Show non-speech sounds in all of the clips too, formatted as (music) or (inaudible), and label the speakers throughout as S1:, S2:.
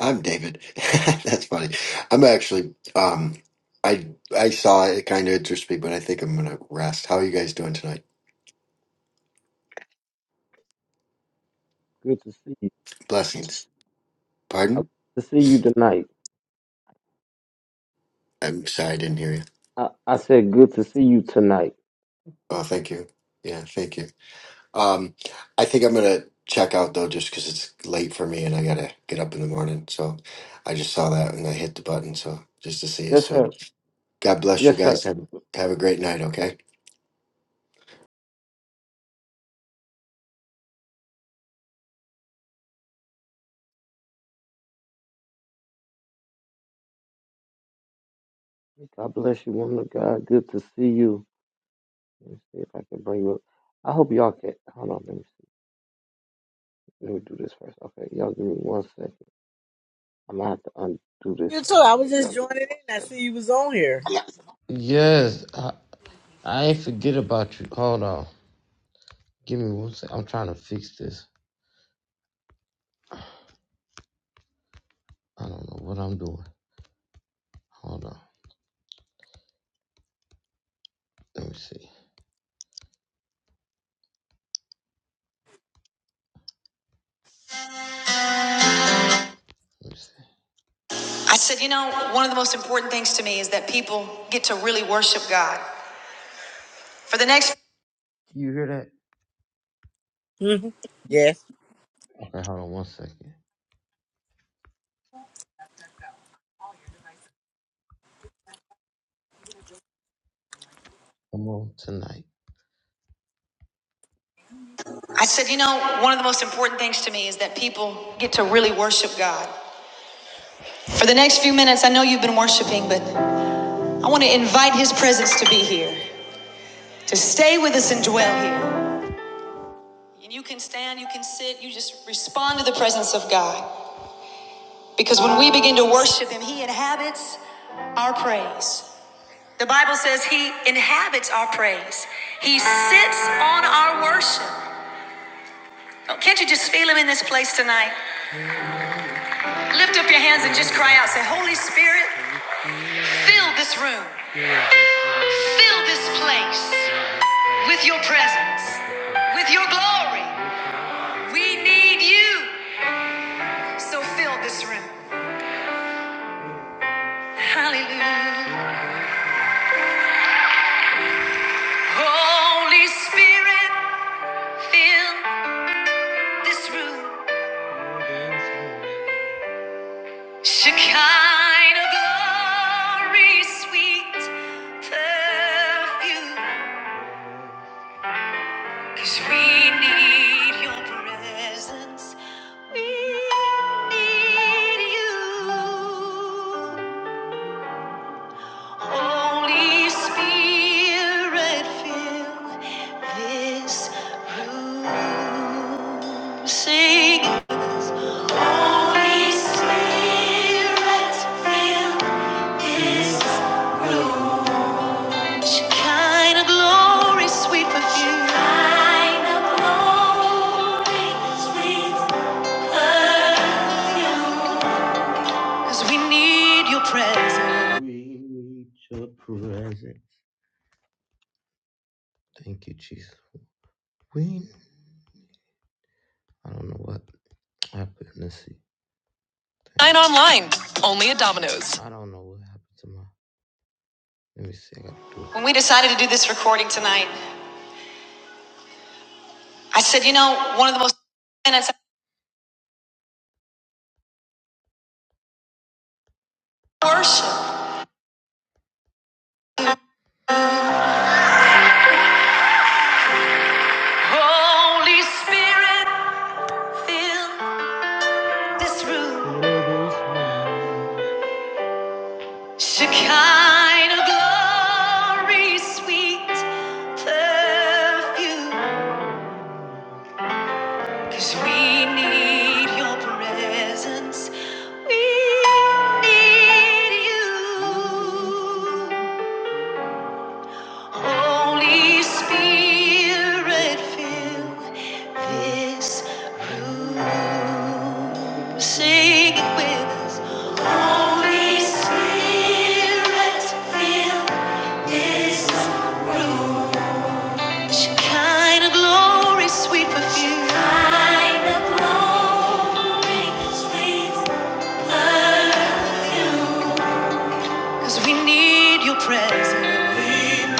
S1: I'm David. (laughs) That's funny. I'm actually um I I saw it, kind of interests me, but I think I'm gonna rest. How are you guys doing tonight? Blessings. Pardon? I'm sorry I didn't hear you. Oh, thank you. Yeah, thank you. Um I think I'm gonna check out though just because it's late for me and I gotta get up in the morning. So I just saw that and I hit the button so just to see you. So God bless you guys. Have have a great night, okay?
S2: You too. I was just joining in. I see you was on here.
S3: I said, you know, one of the most important things to me is that people get to really worship God. For the next,
S2: hmm Yes.
S3: I said, you know, one of the most important things to me is that people get to really worship God. For the next few minutes, I know you've been worshiping, but I want to invite His presence to be here, to stay with us and dwell here. And you can stand, you can sit, you just respond to the presence of God. Because when we begin to worship Him, He inhabits our praise. The Bible says he inhabits our praise. He sits on our worship. Oh, Can't you just feel him in this place tonight? Lift up your hands and just cry out. Say, Holy Spirit, fill this room, fill this place with your presence, with your glory. We need you, so fill this room. Hallelujah. Holy Spirit, fill this room. Shekinah glory, sweet perfume. 'Cause we need your presence. We need you. Holy Spirit, fill this room. Sing this. Holy Spirit, fill this room. Shekinah glory, sweet perfume. Shekinah glory, sweet perfume. 'Cause we need your presence. Dine online, only at Domino's. When we decided to do this recording tonight, I said, you know, one of the most minutes I worship. Holy Spirit, fill this room. Shekinah glory, sweet perfume. Cause we need your presence. We need you. Holy Spirit, fill this room. Sing it with us. Holy Spirit, fill this room. Shekinah glory, sweet perfume. Shekinah glory, sweet perfume. Cause we need your presence. We need Your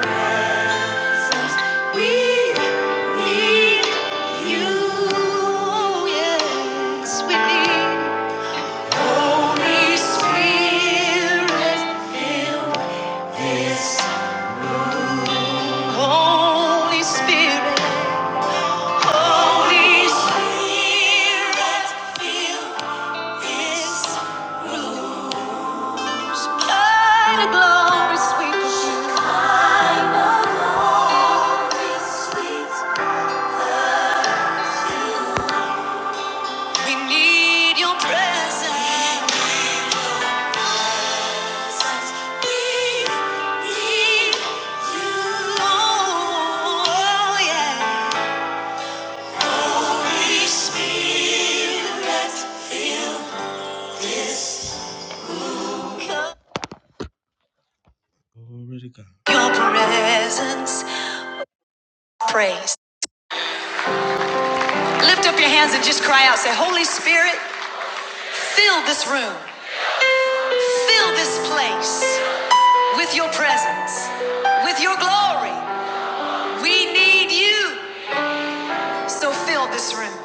S3: presence. We need you. Yes, we need Holy Spirit. fill this. Holy Spirit. Holy Spirit. fill this. By the glory sweet. of We need your presence. We need you. Oh, yeah. Holy Spirit, come. Your presence. Praise. Lift up your hands and just cry out. Say, Holy Spirit, fill this room, fill this place with your presence, with your glory. We need you. So fill this room.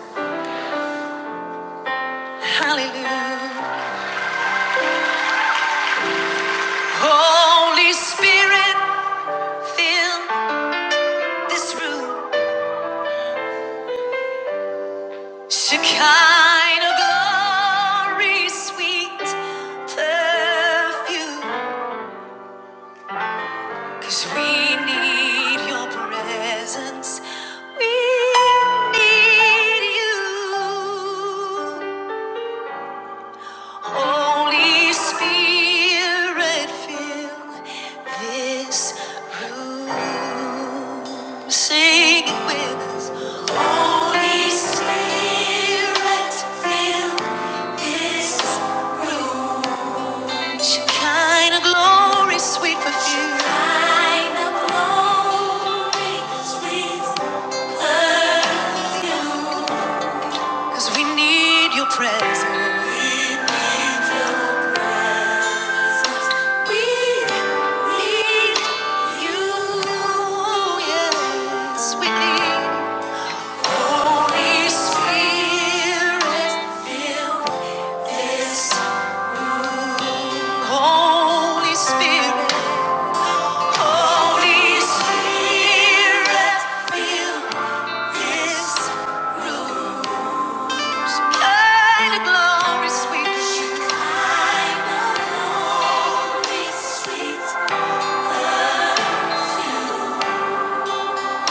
S3: Hallelujah. Holy Spirit, fill this room. Shekinah glory, sweet perfume. 'Cause we need your presence. We need you. Holy Spirit, fill this room. Sing it with us. Holy Spirit, fill this room. Shekinah glory, sweet perfume. Shekinah glory, sweet perfume. 'Cause we need your presence. We need you, yes, we need Holy Spirit, fill this Holy Spirit, Holy Spirit, fill this kind of glory sweet. Kind of glory sweet.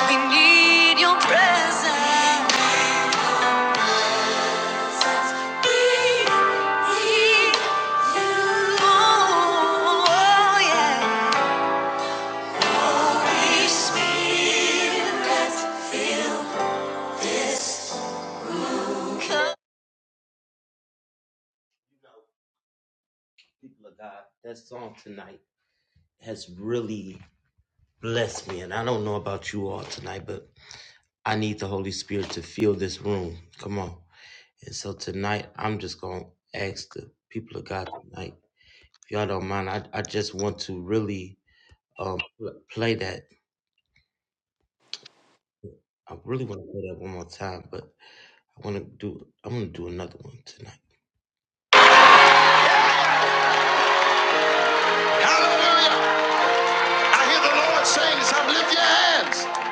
S3: We need your presence. People of God, that song tonight has really blessed me. And I don't know about you all tonight, but I need the Holy Spirit to fill this room. Come on. And so tonight, I'm just going to ask the people of God tonight, if y'all don't mind, I, I just want to really um, pl- play that. I really want to play that one more time, but I want to do. I'm gonna do another one tonight. Hallelujah. I hear the Lord saying as I lift your hands,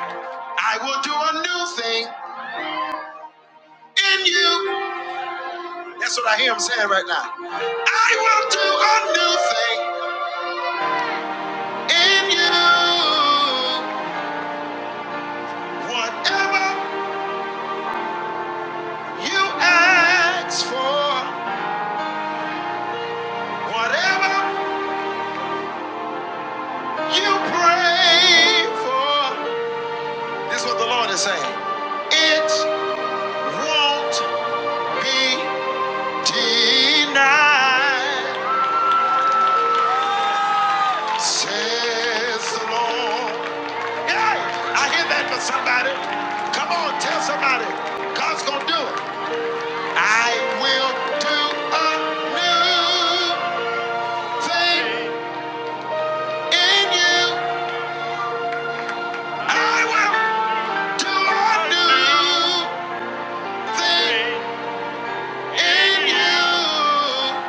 S3: I will do a new thing in you. That's what I hear him saying right now. I will do a new thing in you. Whatever you ask for, whatever you pray for, this is what the Lord is saying. It won't be Tonight, says the Lord. Hey, I hear that for somebody. Come on, tell somebody. God's gonna do it. I will do a new thing in you. I will do a new thing in you.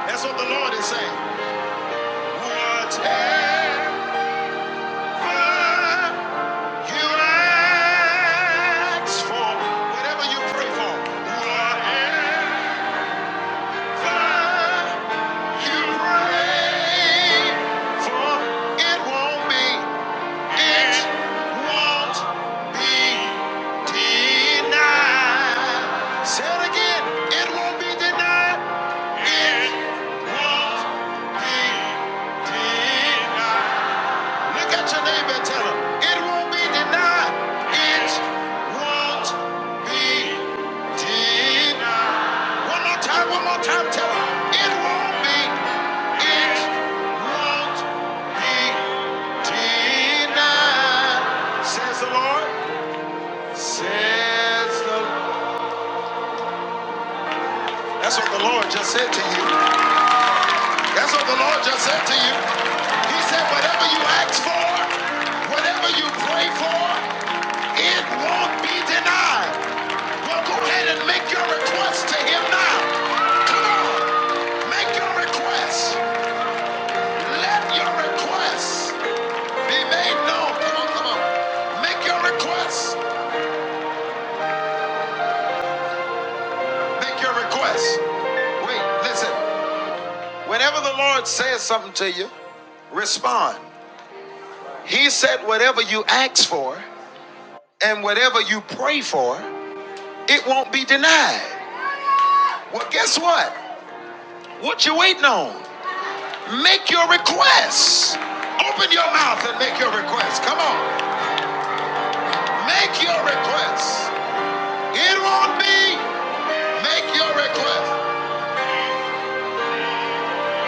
S3: That's what the Lord is saying. Whatever. You ask for whatever you pray for. Whatever you pray for, it won't be, it won't be denied. Say it again, it won't be denied. It won't be denied. Look at your neighbor and tell him, it won't be denied. It won't be denied. One more time, one more time, tell him, it won't be, it won't be denied. Says the Lord, says the Lord. That's what the Lord just said to you. That's what the Lord just said to you. He said, whatever you ask for, whatever you pray for, It won't be denied. Well, go ahead and make your request to him now. Come on, make your request. Let your request be made known. Come on, come on. Make your request. Make your request. Wait, listen. Whenever the Lord says something to you, respond. He said, whatever you ask for and whatever you pray for, it won't be denied. Well, guess what? What you waiting on? Make your requests. Open your mouth and make your requests. Come on. Make your requests. It won't be. Make your requests.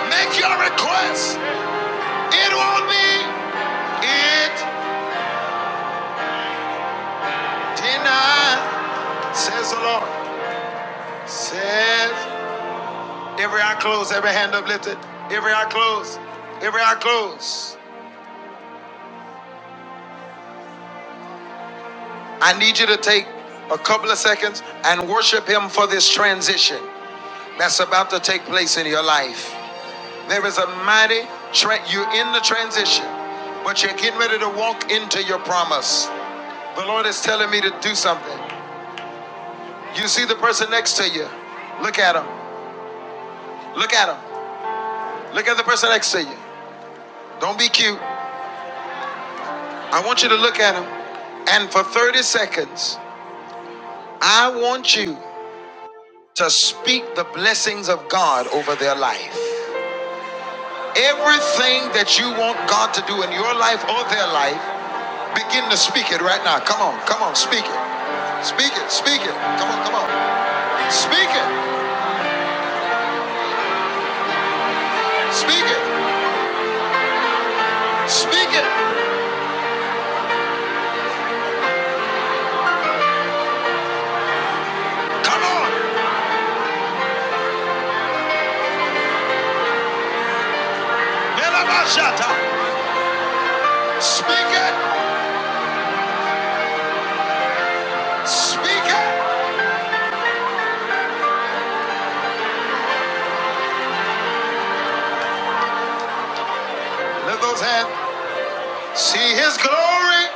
S3: Make your requests. It won't be. It denied. Says the Lord. Says. Every eye closed, every hand uplifted. Every eye closed. Every eye closed. I need you to take a couple of seconds and worship Him for this transition that's about to take place in your life. There is a mighty tra- you're in the transition, but you're getting ready to walk into your promise. The Lord is telling me to do something. You see the person next to you. Look at him. Look at him. Look at the person next to you. Don't be cute. I want you to look at him. And for 30 seconds, I want you to speak the blessings of God over their life. Everything that you want God to do in your life or their life, Begin to speak it right now. Come on, come on, speak it. Speak it, speak it. Come on, come on. Speak it, speak it, speak it. Come on. Belabashata. Speak it, speak it. Lift those hands. See his glory.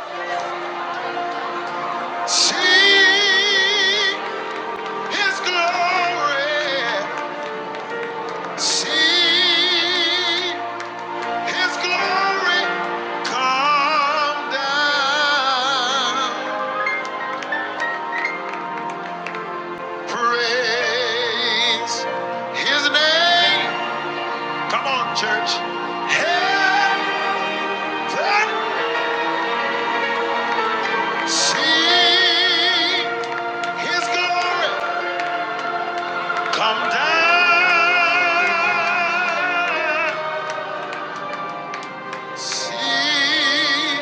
S3: See his glory. See his glory. Come down. Praise his name. Come on, church. Heaven, see his glory. Come down. See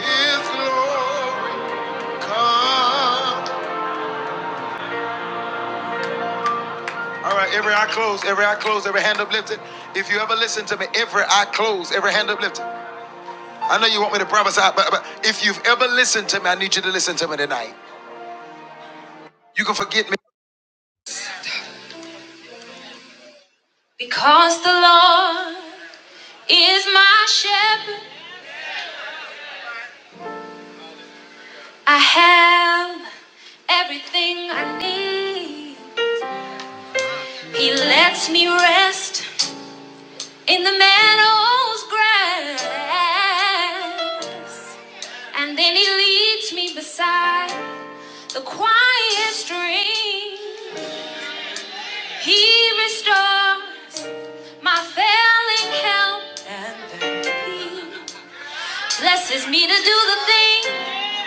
S3: his glory come. All right, every eye closed, every eye closed, every hand uplifted. If you ever listen to me, every eye closed, every hand uplifted. I know you want me to prophesy, but, but if you've ever listened to me, I need you to listen to me tonight. You can forget me. Because the Lord is my shepherd, I have everything I need. He lets me rest in the meadow's grass. And then he leads me beside the quiet stream. He restores My failing health blesses me to do the thing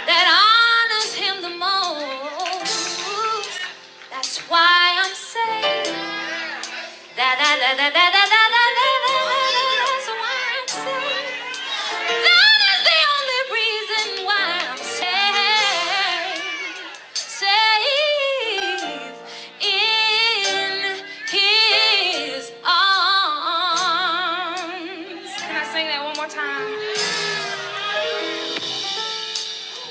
S3: that honors him the most. That's why I'm saved. da, da, da, da, da, da, da, da, da, That's why I'm saved. That is the only reason why I'm saved. Safe in his arms. Can I sing that one more time?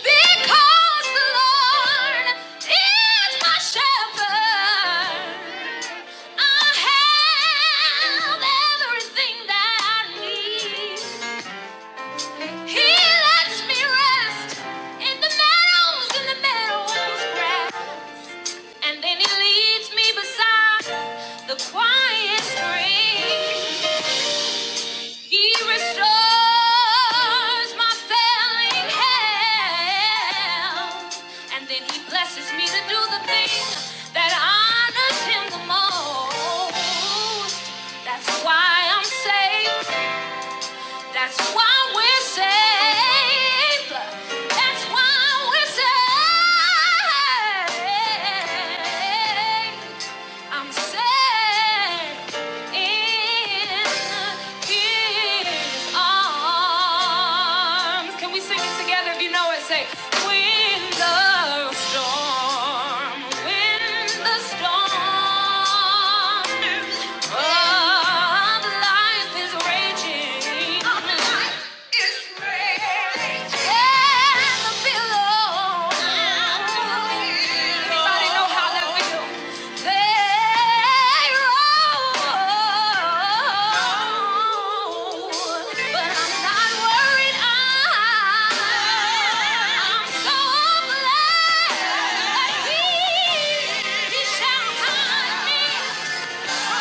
S3: Because the Lord is my shepherd, I have everything that I need. He lets me rest in the meadows, in the meadows grass. And then he leads me beside the quiet stream. He restores my failing health. And then he blesses me to do the thing that honors him the most. That's why I'm saved. That's why we're saved. That's why we're saved. I'm saved in His arms. Can we sing it together? If you know it, say. When the storm, when the storm yeah. Yeah.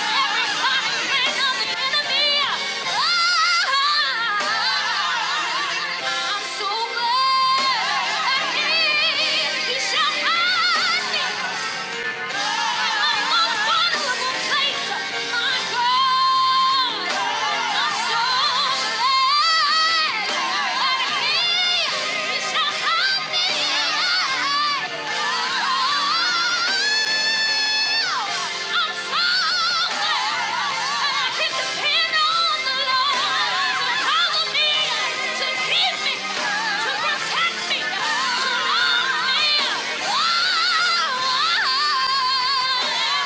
S3: I'm so glad that I can depend on the Lord to follow me, to keep me, to protect me, to love me. Oh.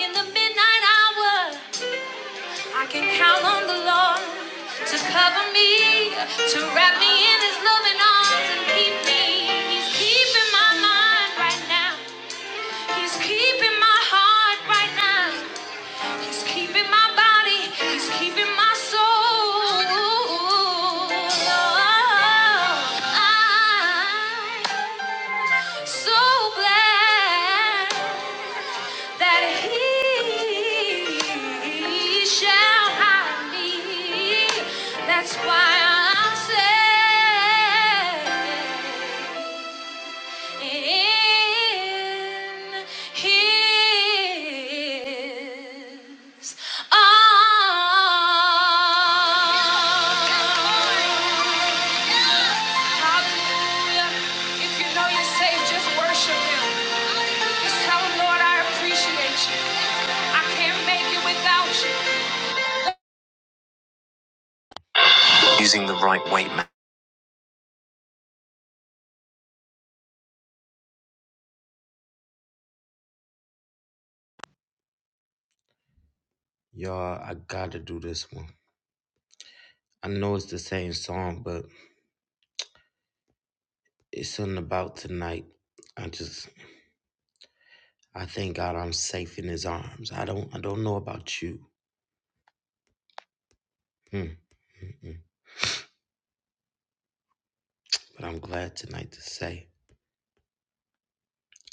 S3: In the midnight hour, I can count on the Lord to cover me, to wrap me in His loving arms and keep me. He's keeping my mind right now. He's keeping my heart right now. He's keeping my body. He's keeping my soul. I'm so glad that He shall hide me. That's why I say in His arms. Hallelujah. If you know you're saved, just worship Him. Just tell Him, Lord, I appreciate you. I can't make it without you. Y'all, I gotta do this one. I know it's the same song, but It's something about tonight. I just I thank God I'm safe in his arms. I don't I don't know about you. Mm, mm, mm. But I'm glad tonight to say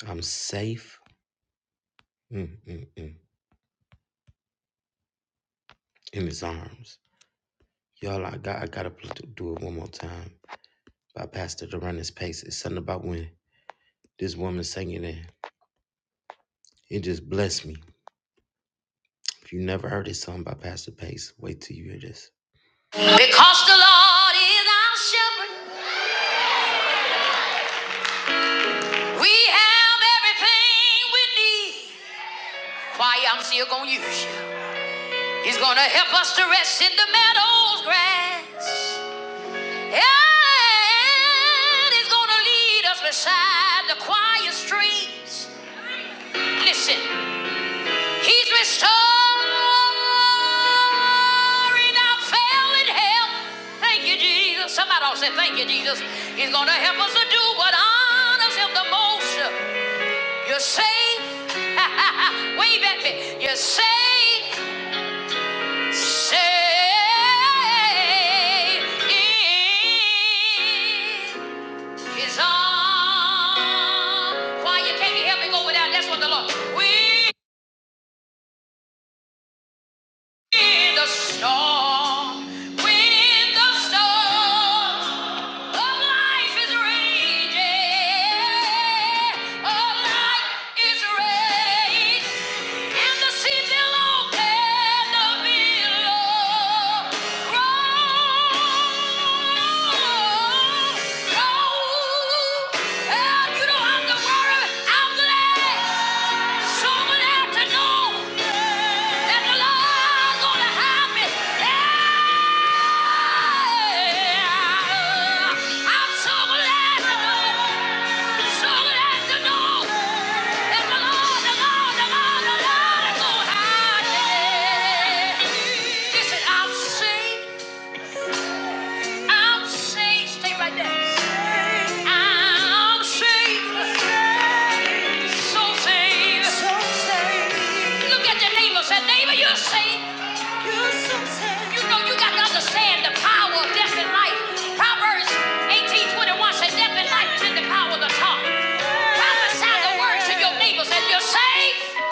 S3: I'm safe mm, mm, mm, in his arms. Y'all, I got I gotta pl- do it one more time by Pastor Durant's Pace. It's something about when this woman sang it in. It just blessed me. If you never heard this song by Pastor Pace, wait till you hear this. Because the Lord is our shepherd, we have everything we need. Why I'm Still gonna use you. He's gonna help us to rest in the meadows grass. And he's gonna lead us beside the quiet streams. Listen, he's restoring our failing health. Thank you, Jesus. Somebody ought to say, Thank you, Jesus. He's gonna help us to do what honors him the most. You're safe. (laughs) Wave at me. You're safe. Say His Why you can not help me go without? That's what the Lord. We In the storm, when the storm of life is raging, of life is raging, and the sea below and the billow roll, roll, and you know I'm the worm. I'm the egg. Someone to know that the Lord's gonna help me. Yeah. I'm someone had to know. to know that the Lord, the Lord, the Lord, the Lord is gonna help me. Listen, i will sing. I'm saved. Stay right there. I'm saved. So saved. So saved. Look at your neighbor. Say, neighbor, you're saved. You're so saved. You know you got to understand the power of death and life. Proverbs 18:21 says, death and life is in the power of the tongue. Prophesy the words to your neighbors and you're saved.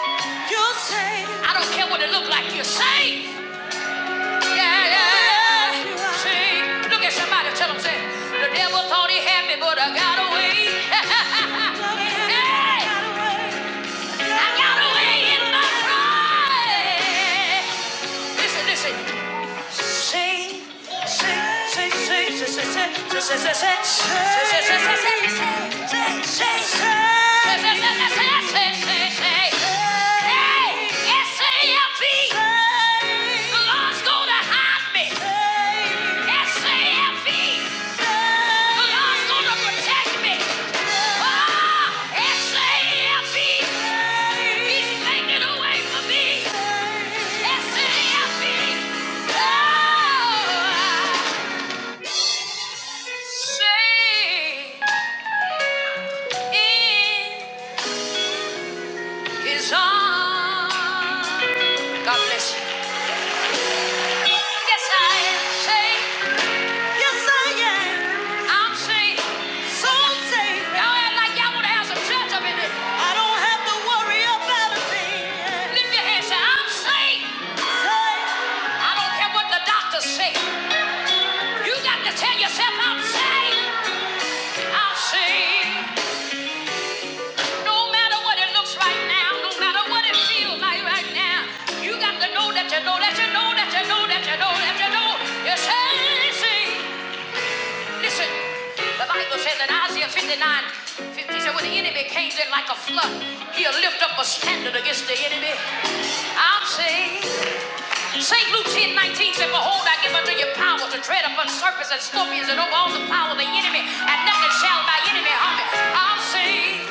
S3: You're saved. I don't care what it look like. You're saved. Yeah, yeah, yeah. See, look at somebody, tell them, say, the devil thought he had me, but I got away. (laughs) Hey, I got away in my pride. Listen, listen. S A F E. The Lord's gonna hide me. Hey! God's gonna protect me. Ah, S-A-F-E. He's making a way me. S-A-F-E. Oh, I in his arms. God bless you. Yes, I am safe. Yes, I am. I'm saved. So saved. you act like y'all want to have some church in this. I don't have to worry about a Lift your hands. Say, I'm saved. I don't care what the doctors say. You got to tell yourself, I'm saved. I'm saved. No matter what it looks right now, no matter what it feels like right now, you got to know that you know that you know that you know that you know that you know you're saved. Listen, the Bible says in Isaiah 59, 50 said, when the enemy comes in like a flood, he'll lift up a standard against the enemy. i will say, St. Luke 10, 19 said, Behold, I give unto you power to tread upon serpents and scorpions and over all the power of the enemy, and nothing shall by enemy harm you. i will say.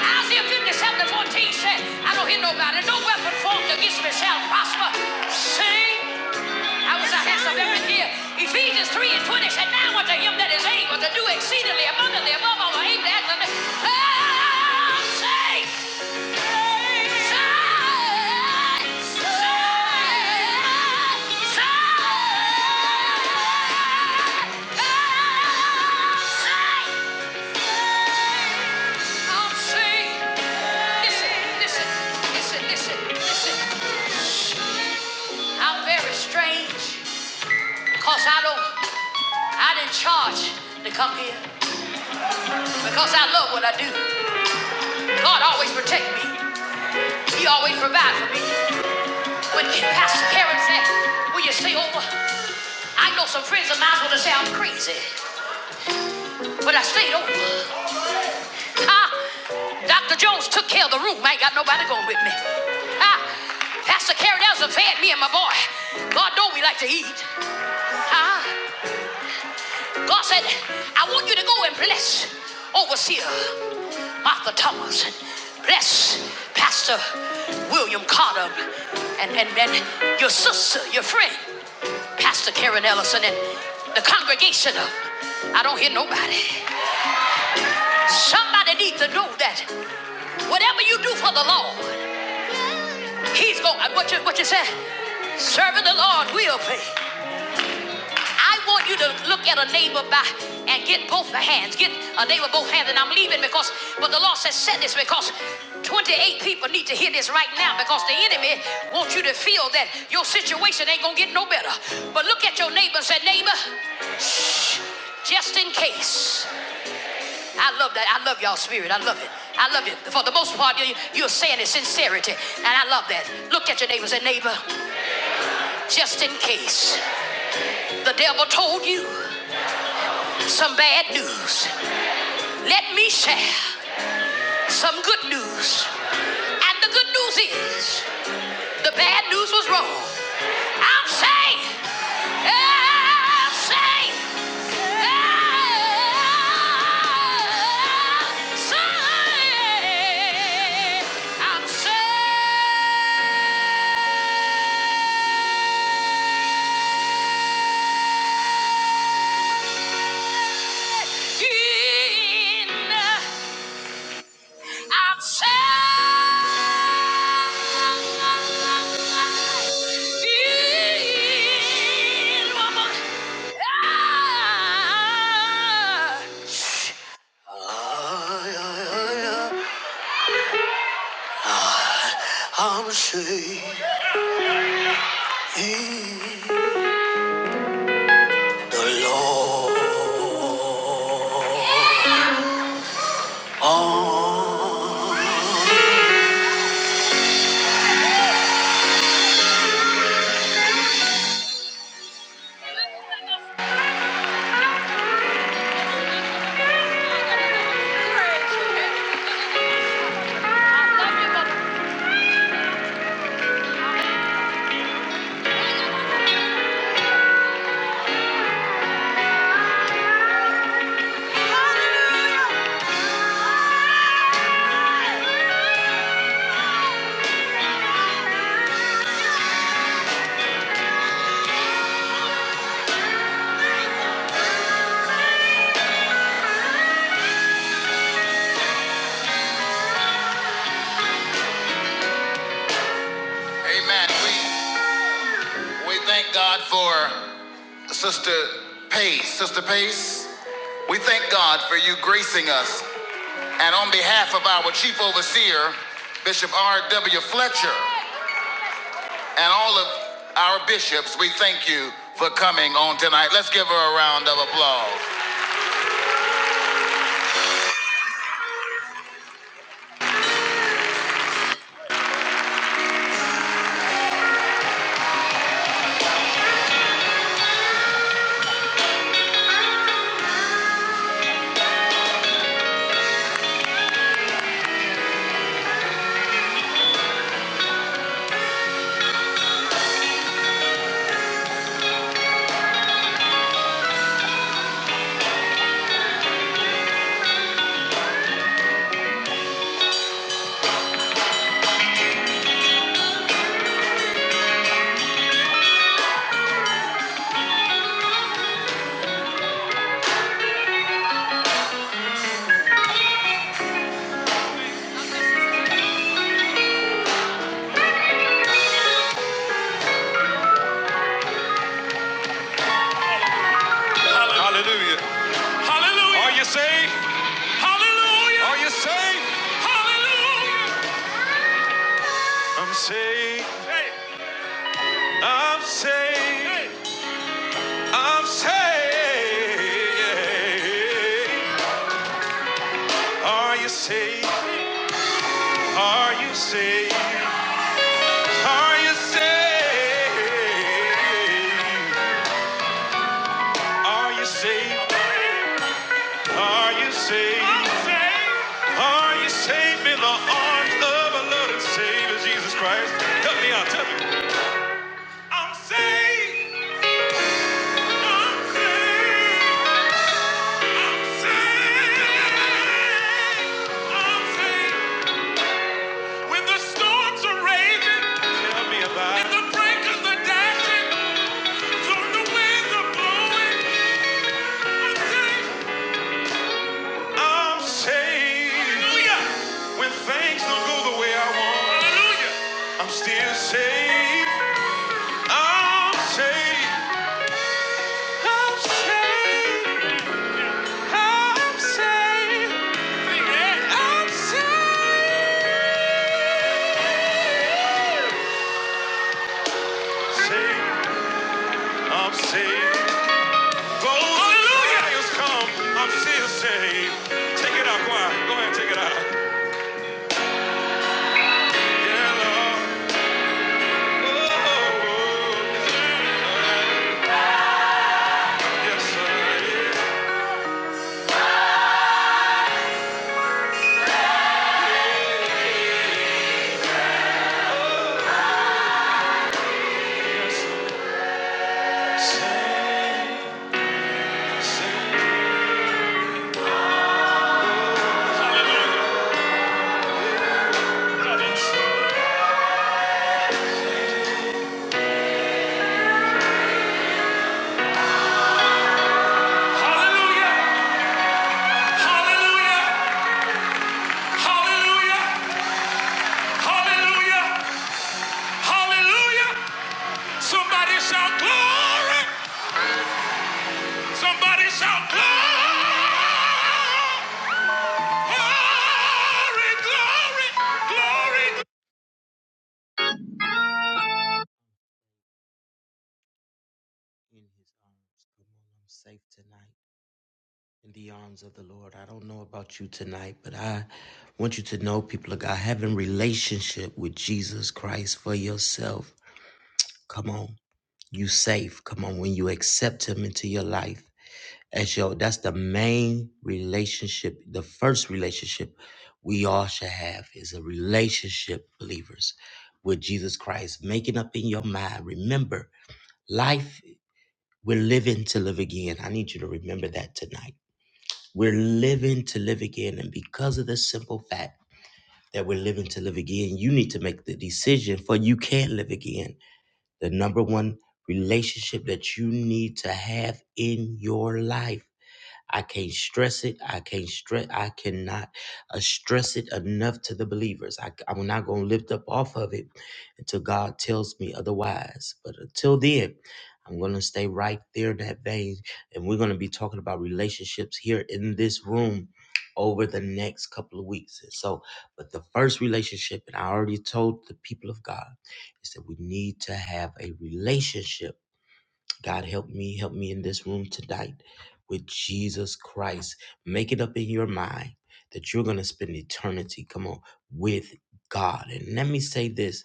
S3: Isaiah 57 and 14 said, I don't hear nobody. No weapon formed against me shall prosper. See? I was ahead of every year. Ephesians 3 and 20 said, Now unto him that is able to do exceedingly abundantly above all we am able to act unto me." Ah, say, say, say, say, say. I'll say, listen, listen, listen, listen, listen. I'm very strange, cause I don't, I didn't charge to come here, because I love what I do. God always protect me. He always provide for me. When Pastor Karen said, will you stay over? I know some friends of mine would have said I'm crazy, but I stayed over. Ah, Dr. Jones took care of the room. I ain't got nobody going with me. Ah, Pastor Carrie Nelson fed me and my boy. God know we like to eat. Ah, God said, I want you to go and bless Overseer Martha Thomas and bless Pastor William Carter and, and, and your sister, your friend, Pastor Karen Ellison and the congregation of I don't hear nobody. Somebody needs to know that whatever you do for the Lord, He's going. What you what you say? Serving the Lord will pay. I want you to look at a neighbor by and get both the hands. Get a neighbor both hands. And I'm leaving because, but the Lord says, said this because 28 people need to hear this right now because the enemy wants you to feel that your situation ain't gonna get no better. But look at your neighbor and say, neighbor, shh, just in case. I love that. I love y'all spirit. I love it. I love it. For the most part, you- you're saying it sincerity, and I love that. Look at your neighbor and say, neighbor. Just in case the devil told you some bad news, let me share some good news. And the good news is the bad news was wrong. I'm saved. I'm saved. I'm saved. I'm saved. I'm Shahid Allah. Ah. I love you, Mother. Amen. We, we thank God for Sister Pace. Sister Pace, we thank God for you gracing us. And on behalf of our chief overseer, Bishop R.W. Fletcher, and all of our bishops, we thank you for coming on tonight. Let's give her a round of applause. Hallelujah. Are you saved? Hallelujah. I'm saved. Hey. I'm saved. Hey. I'm saved. Are you saved? Are you saved? Are you saved? Are you saved? Are you saved? Are you saved? Are you saved in the arms of a loving Savior, Jesus Christ? Help me out, tell me. I'm saved. I'm saved. I'm saved. I'm saved. When the storms are raging, tell me about it. And the breakers are dashing, so the winds are blowing. I'm saved. I'm saved. Hallelujah. When things don't go the way I want. Hallelujah. I'm still saved. I'm saved. I'm saved. I'm saved. I'm saved. Saved. I'm saved. Though Hallelujah. trials come, I'm still saved. Take it out, choir. Go ahead, take it out. Yeah, Lord. Somebody shout glory! Somebody shout glory! Glory, glory, glory! In his arms, come on, safe tonight. in the arms of the Lord. I don't know about you tonight, but I want you to know, people of God, having relationship with Jesus Christ for yourself. Come on, you safe. Come on, when you accept Him into your life, as your that's the main relationship, the first relationship we all should have is a relationship, believers, with Jesus Christ. Making up in your mind, remember, life we're living to live again. I need you to remember that tonight we're living to live again. And because of this simple fact that we're living to live again, you need to make the decision for you can't live again. The number one relationship that you need to have in your life I can't stress it. I can't stress. I cannot uh, stress it enough to the believers. I, am not going to lift up off of it until God tells me otherwise. But until then, I'm going to stay right there in that vein. And we're going to be talking about relationships here in this room over the next couple of weeks. And so, but the first relationship, and I already told the people of God, is that we need to have a relationship God help me, help me in this room tonight with Jesus Christ. Make it up in your mind that you're going to spend eternity, come on, with God. And let me say this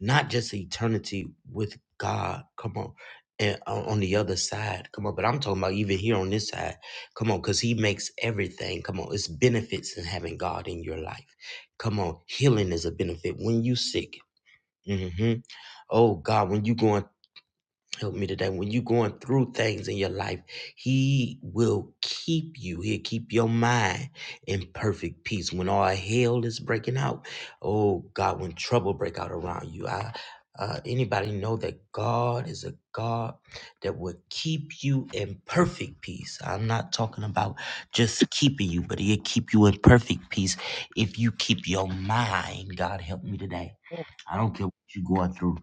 S3: not just eternity with God, come on. And on on the other side, come on, but I'm talking about even here on this side, come on, because He makes everything, come on, it's benefits in having God in your life, come on, healing is a benefit when you sick, hmm oh God, when you going. Help me today. When you're going through things in your life, He will keep you. He'll keep your mind in perfect peace. When all hell is breaking out, oh God, when trouble break out around you, I uh, anybody know that God is a God that will keep you in perfect peace. I'm not talking about just keeping you, but He'll keep you in perfect peace if you keep your mind. God help me today. I don't care what you're going through.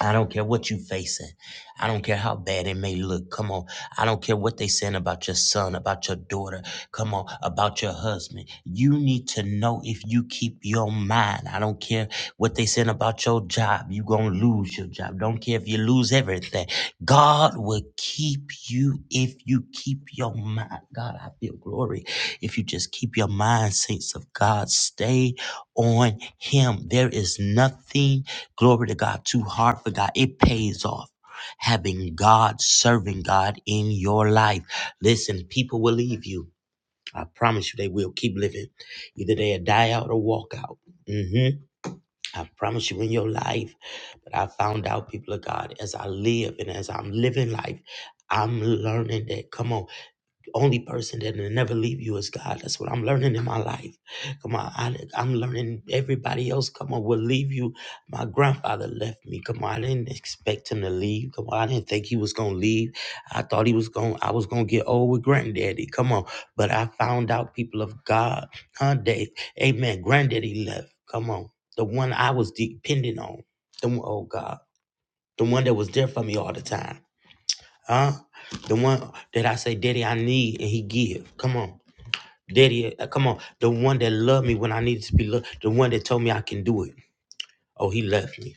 S3: I don't care what you facing. I don't care how bad it may look. Come on. I don't care what they saying about your son, about your daughter. Come on, about your husband. You need to know if you keep your mind. I don't care what they saying about your job. You gonna lose your job. Don't care if you lose everything. God will keep you if you keep your mind. God, I feel glory. If you just keep your mind, saints of God, stay on Him. There is nothing Glory to God. Too hard for God. It pays off. Having God, serving God in your life. Listen, people will leave you. I promise you they will keep living. Either they'll die out or walk out. hmm I promise you in your life. But I found out, people of God, as I live and as I'm living life, I'm learning that. Come on only person that will never leave you is God. That's what I'm learning in my life. Come on, I, am learning everybody else. Come on, will leave you. My grandfather left me. Come on, I didn't expect him to leave. Come on, I didn't think he was gonna leave. I thought he was going. to I was gonna get old with granddaddy. Come on, but I found out people of God, huh, Dave? Amen. Granddaddy left. Come on, the one I was depending on. The one, oh God, the one that was there for me all the time. Huh? The one that I say, Daddy, I need, and he give. Come on. Daddy, uh, come on. The one that loved me when I needed to be loved. The one that told me I can do it. Oh, he left me.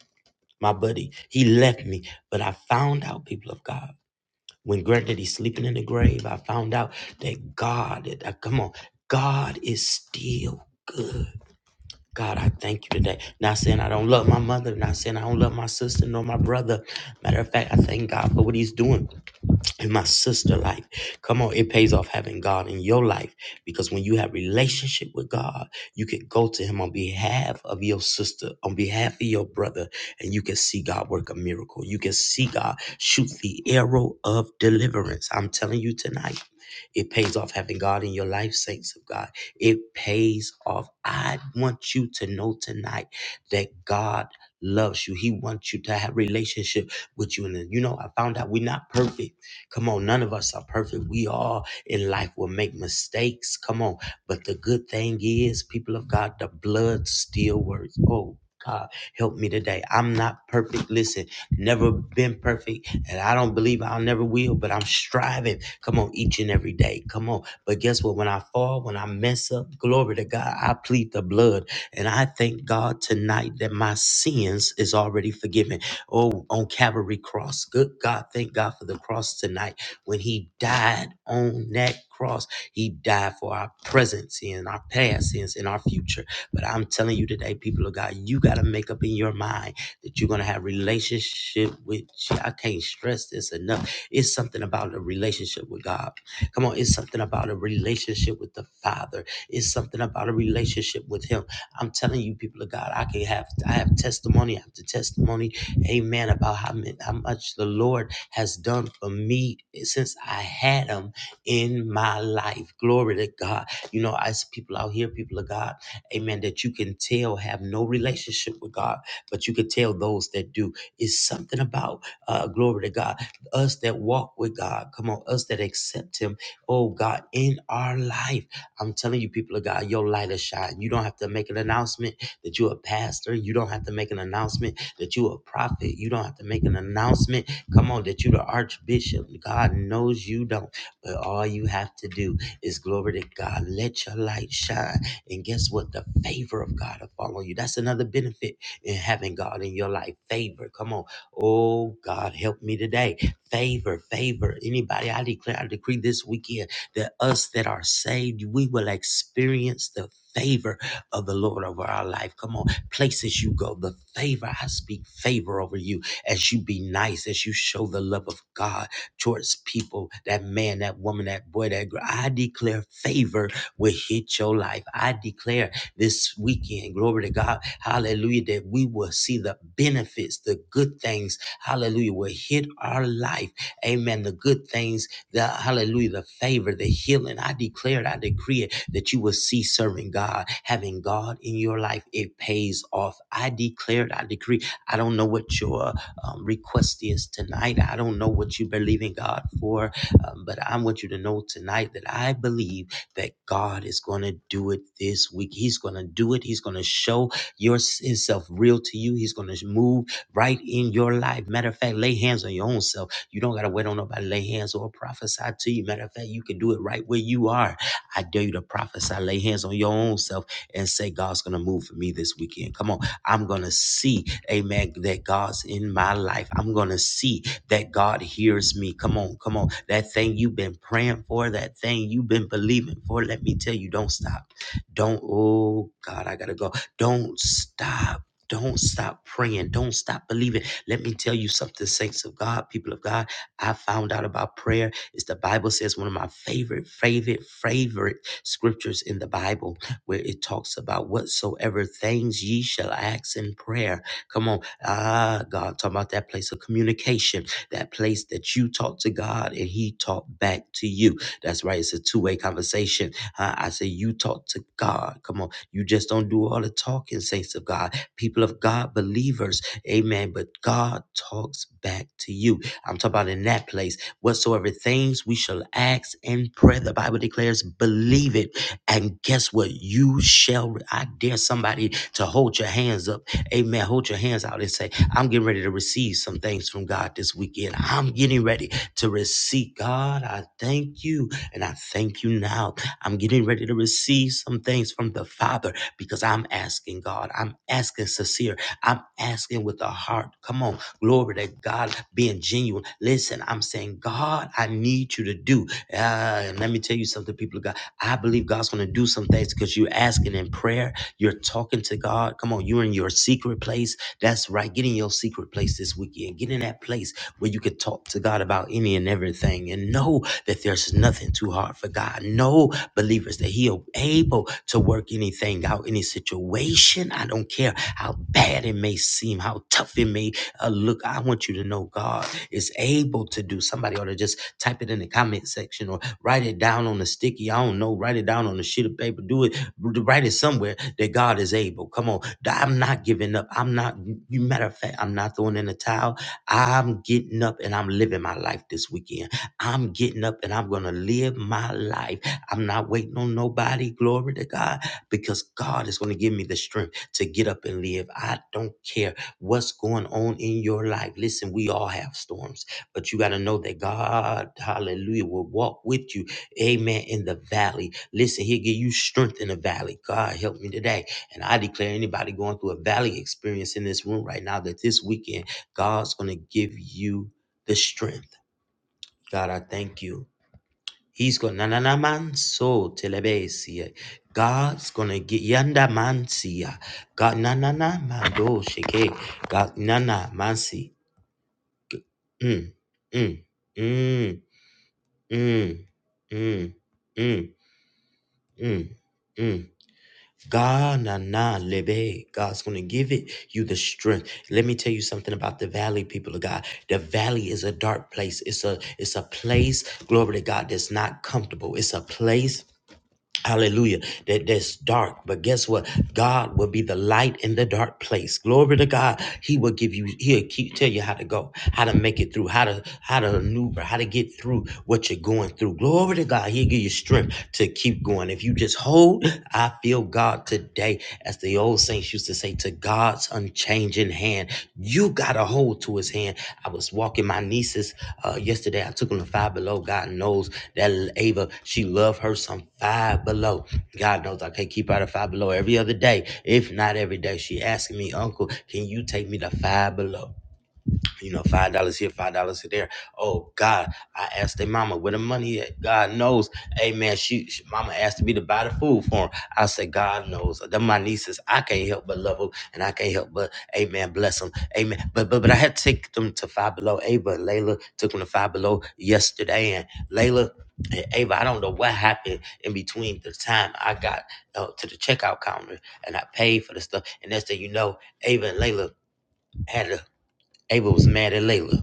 S3: My buddy. He left me. But I found out, people of God, when granddaddy's sleeping in the grave, I found out that God, uh, come on, God is still good. God, I thank you today. Not saying I don't love my mother, not saying I don't love my sister nor my brother. Matter of fact, I thank God for what he's doing in my sister life. Come on, it pays off having God in your life because when you have relationship with God, you can go to him on behalf of your sister, on behalf of your brother, and you can see God work a miracle. You can see God shoot the arrow of deliverance. I'm telling you tonight. It pays off having God in your life, saints of God. It pays off. I want you to know tonight that God loves you. He wants you to have relationship with you. And you know, I found out we're not perfect Come on, none of us are perfect. We all in life will make mistakes. Come on. But the good thing is, people of God, the blood still works. Oh, God, help me today. I'm not perfect. Listen, never been perfect, and I don't believe I'll never will, but I'm striving. Come on, each and every day. Come on. But guess what? When I fall, when I mess up, glory to God, I plead the blood. And I thank God tonight that my sins is already forgiven. Oh, on Calvary Cross. Good God, thank God for the cross tonight. When He died on that cross, He died for our present sins, our past sins, and our future. But I'm telling you today, people of God, you got to make up in your mind that you're going to have relationship with. Je- I can't stress this enough. It's something about a relationship with God. Come on, it's something about a relationship with the Father. It's something about a relationship with Him. I'm telling you, people of God, I can have I have testimony after testimony amen, about how, mi- how much the Lord has done for me since I had Him in my life. Glory to God. You know, I see people out here, people of God, amen, that you can tell have no relationship with God, but you can tell those that do. It's something about, uh, glory to God, us that walk with God. Come on, us that accept Him, oh God, in our life. I'm telling you, people of God, your light is shine. You don't have to make an announcement that you're a pastor. You don't have to make an announcement that you a prophet. You don't have to make an announcement. Come on, that you the archbishop. God knows you don't. But all you have to do is glory to God. Let your light shine. And guess what? The favor of God will fall on you. That's another benefit in having God in your life. Favor. Come on. Oh God, help me today. Favor, favor. Anybody, I declare, I decree this weekend that us that are saved, we will experience the favor of the Lord over our life. Come on places you go, the favor, I speak favor over you as you be nice, as you show the love of God towards people, that man, that woman, that boy, that girl. I declare favor will hit your life. I declare this weekend, glory to God, hallelujah, that we will see the benefits, the good things, hallelujah, will hit our life. Amen. The good things the hallelujah, the favor, the healing. I declare, it, I decree it that you will see serving God, having God in your life. It pays off. I declare, it, I decree. I don't know what your um, request is tonight. I don't know what you believe in God for, um, but I want you to know tonight that I believe that God is going to do it this week. He's going to do it. He's going to show your, himself real to you. He's going to move right in your life. Matter of fact, lay hands on your own self you don't got to wait on nobody to lay hands or prophesy to you. Matter of fact, you can do it right where you are. I dare you to prophesy, lay hands on your own self, and say, God's going to move for me this weekend. Come on. I'm going to see, amen, that God's in my life. I'm going to see that God hears me. Come on. Come on. That thing you've been praying for, that thing you've been believing for, let me tell you, don't stop. Don't, oh God, I got to go. Don't stop. Don't stop praying. Don't stop believing let me tell you something, saints of God, people of God. I found out about prayer. Is the Bible says one of my favorite, favorite, favorite scriptures in the Bible, where it talks about whatsoever things ye shall ask in prayer. Come on, ah, God, talking about that place of communication, that place that you talk to God and He talk back to you. That's right. It's a two-way conversation. Uh, I say you talk to God. Come on, you just don't do all the talking, saints of God, people of God, believers. Amen. But God talks back to you. I'm talking about in that place. Whatsoever things we shall ask in prayer, the Bible declares, believe it. And guess what? You shall. re- I dare somebody to hold your hands up. Amen. Hold your hands out and say, I'm getting ready to receive some things from God this weekend. I'm getting ready to receive. God, I thank you. And I thank you now. I'm getting ready to receive some things from the Father because I'm asking God. I'm asking sincere. I'm asking with a heart. Come on. Glory to God, being genuine. Listen, I'm saying, God, I need you to do. Uh, and let me tell you something, people of God. I believe God's going to do some things because you're asking in prayer. You're talking to God. Come on, you're in your secret place. That's right. Get in your secret place this weekend. Get in that place where you can talk to God about any and everything and know that there's nothing too hard for God. Know believers that He is able to work anything out, any situation. I don't care how bad it may seem, how tough it may uh, look. I want you to know God is able to do. Somebody ought to just type it in the comment section or write it down on a sticky. I don't know. Write it down on a sheet of paper. Do it. Write it somewhere that God is able. Come on. I'm not giving up. I'm not. You matter of fact, I'm not throwing in the towel. I'm getting up and I'm living my life this weekend. I'm getting up and I'm gonna live my life I'm not waiting on nobody. Glory to God, because God is going to give me the strength to get up and live. I don't care what's going on in your life. Listen, we all have storms, but you got to know that God, hallelujah, will walk with you. Amen. In the valley. Listen, He'll give you strength in the valley. God, help me today. And I declare anybody going through a valley experience in this room right now that this weekend, God's going to give you the strength. God, I thank you. He's going to man so telebesia. God's gonna get yanda mansia. God na na na mando shake. God na na mansi. Mm mm mm mm mm mm mm. Mm. God na na lebe. God's gonna give it you the strength. Let me tell you something about the valley, people of God. The valley is a dark place. It's a it's a place, glory to God, that's not comfortable. It's a place Hallelujah. That that's dark. But guess what? God will be the light in the dark place. Glory to God. He will give you, he'll keep tell you how to go, how to make it through, how to how to maneuver, how to get through what you're going through. Glory to God. He'll give you strength to keep going. If you just hold, I feel God today, as the old saints used to say, to God's unchanging hand, you got to hold to his hand. I was walking my nieces uh, yesterday. I took them to Five Below. God knows that Ava, she loved her some Five Below. God knows I can't keep her out of Five Below every other day, if not every day. She asking me, Uncle, can you take me to Five Below? you know, five dollars here, five dollars there. Oh God, I asked their mama where the money at. God knows. Hey man, she, she- mama asked me to buy the food for for 'em. I said, God knows. Them my nieces, I can't help but love them, and I can't help but, Amen, bless them, Amen. But but but I had to take them to Five Below. Ava and Layla took them to Five Below yesterday, and Layla. And Ava, I don't know what happened in between the time I got uh, to the checkout counter and I paid for the stuff. And next thing you know, Ava and Layla had a, Ava was mad at Layla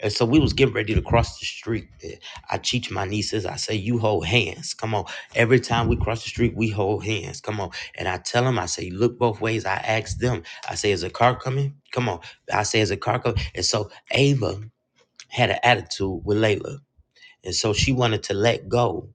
S3: and so we was getting ready to cross the street. Eh, I teach my nieces, I say, you hold hands. Come on. Every time we cross the street, we hold hands. Come on. And I tell them, I say, look both ways. I ask them, I say, is a car coming? Come on. I say, is a car coming? And so Ava had an attitude with Layla. And so she wanted to let go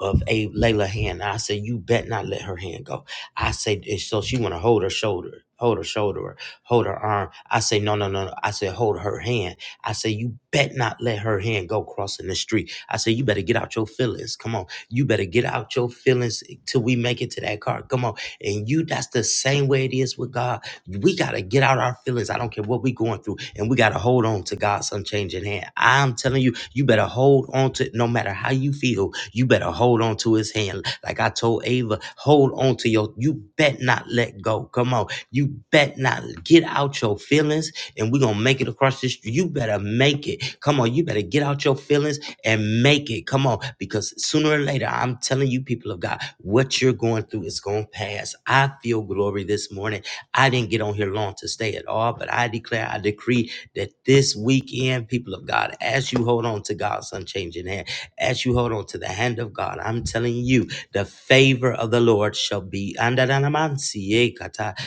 S3: of a Layla hand. I said, you bet not let her hand go. I said, and so she want to hold her shoulder, hold her shoulder, or hold her arm. I say, no, no, no, no. I said, hold her hand. I say, you bet not let her hand go crossing the street. I say, you better get out your feelings. Come on. You better get out your feelings till we make it to that car. Come on. And you, that's the same way it is with God. We got to get out our feelings. I don't care what we going through. And we got to hold on to God's unchanging hand. I'm telling you, you better hold on to it no matter how you feel. You better hold on to his hand. Like I told Ava, hold on to your, you bet not let go. Come on. You bet not get out your feelings and we're going to make it across this. You better make it. Come on. You better get out your feelings and make it. Come on, because sooner or later, I'm telling you, people of God, what you're going through is going to pass. I feel glory this morning. I didn't get on here long to stay at all, but I declare, I decree that this weekend, people of God, as you hold on to God's unchanging hand, as you hold on to the hand of God, I'm telling you, the favor of the Lord shall be.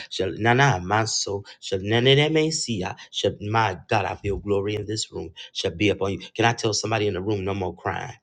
S3: Shall Nana Manso, shall Nana Mesia, shall my God, I feel glory in this room, shall be upon you. Can I tell somebody in the room no more crying?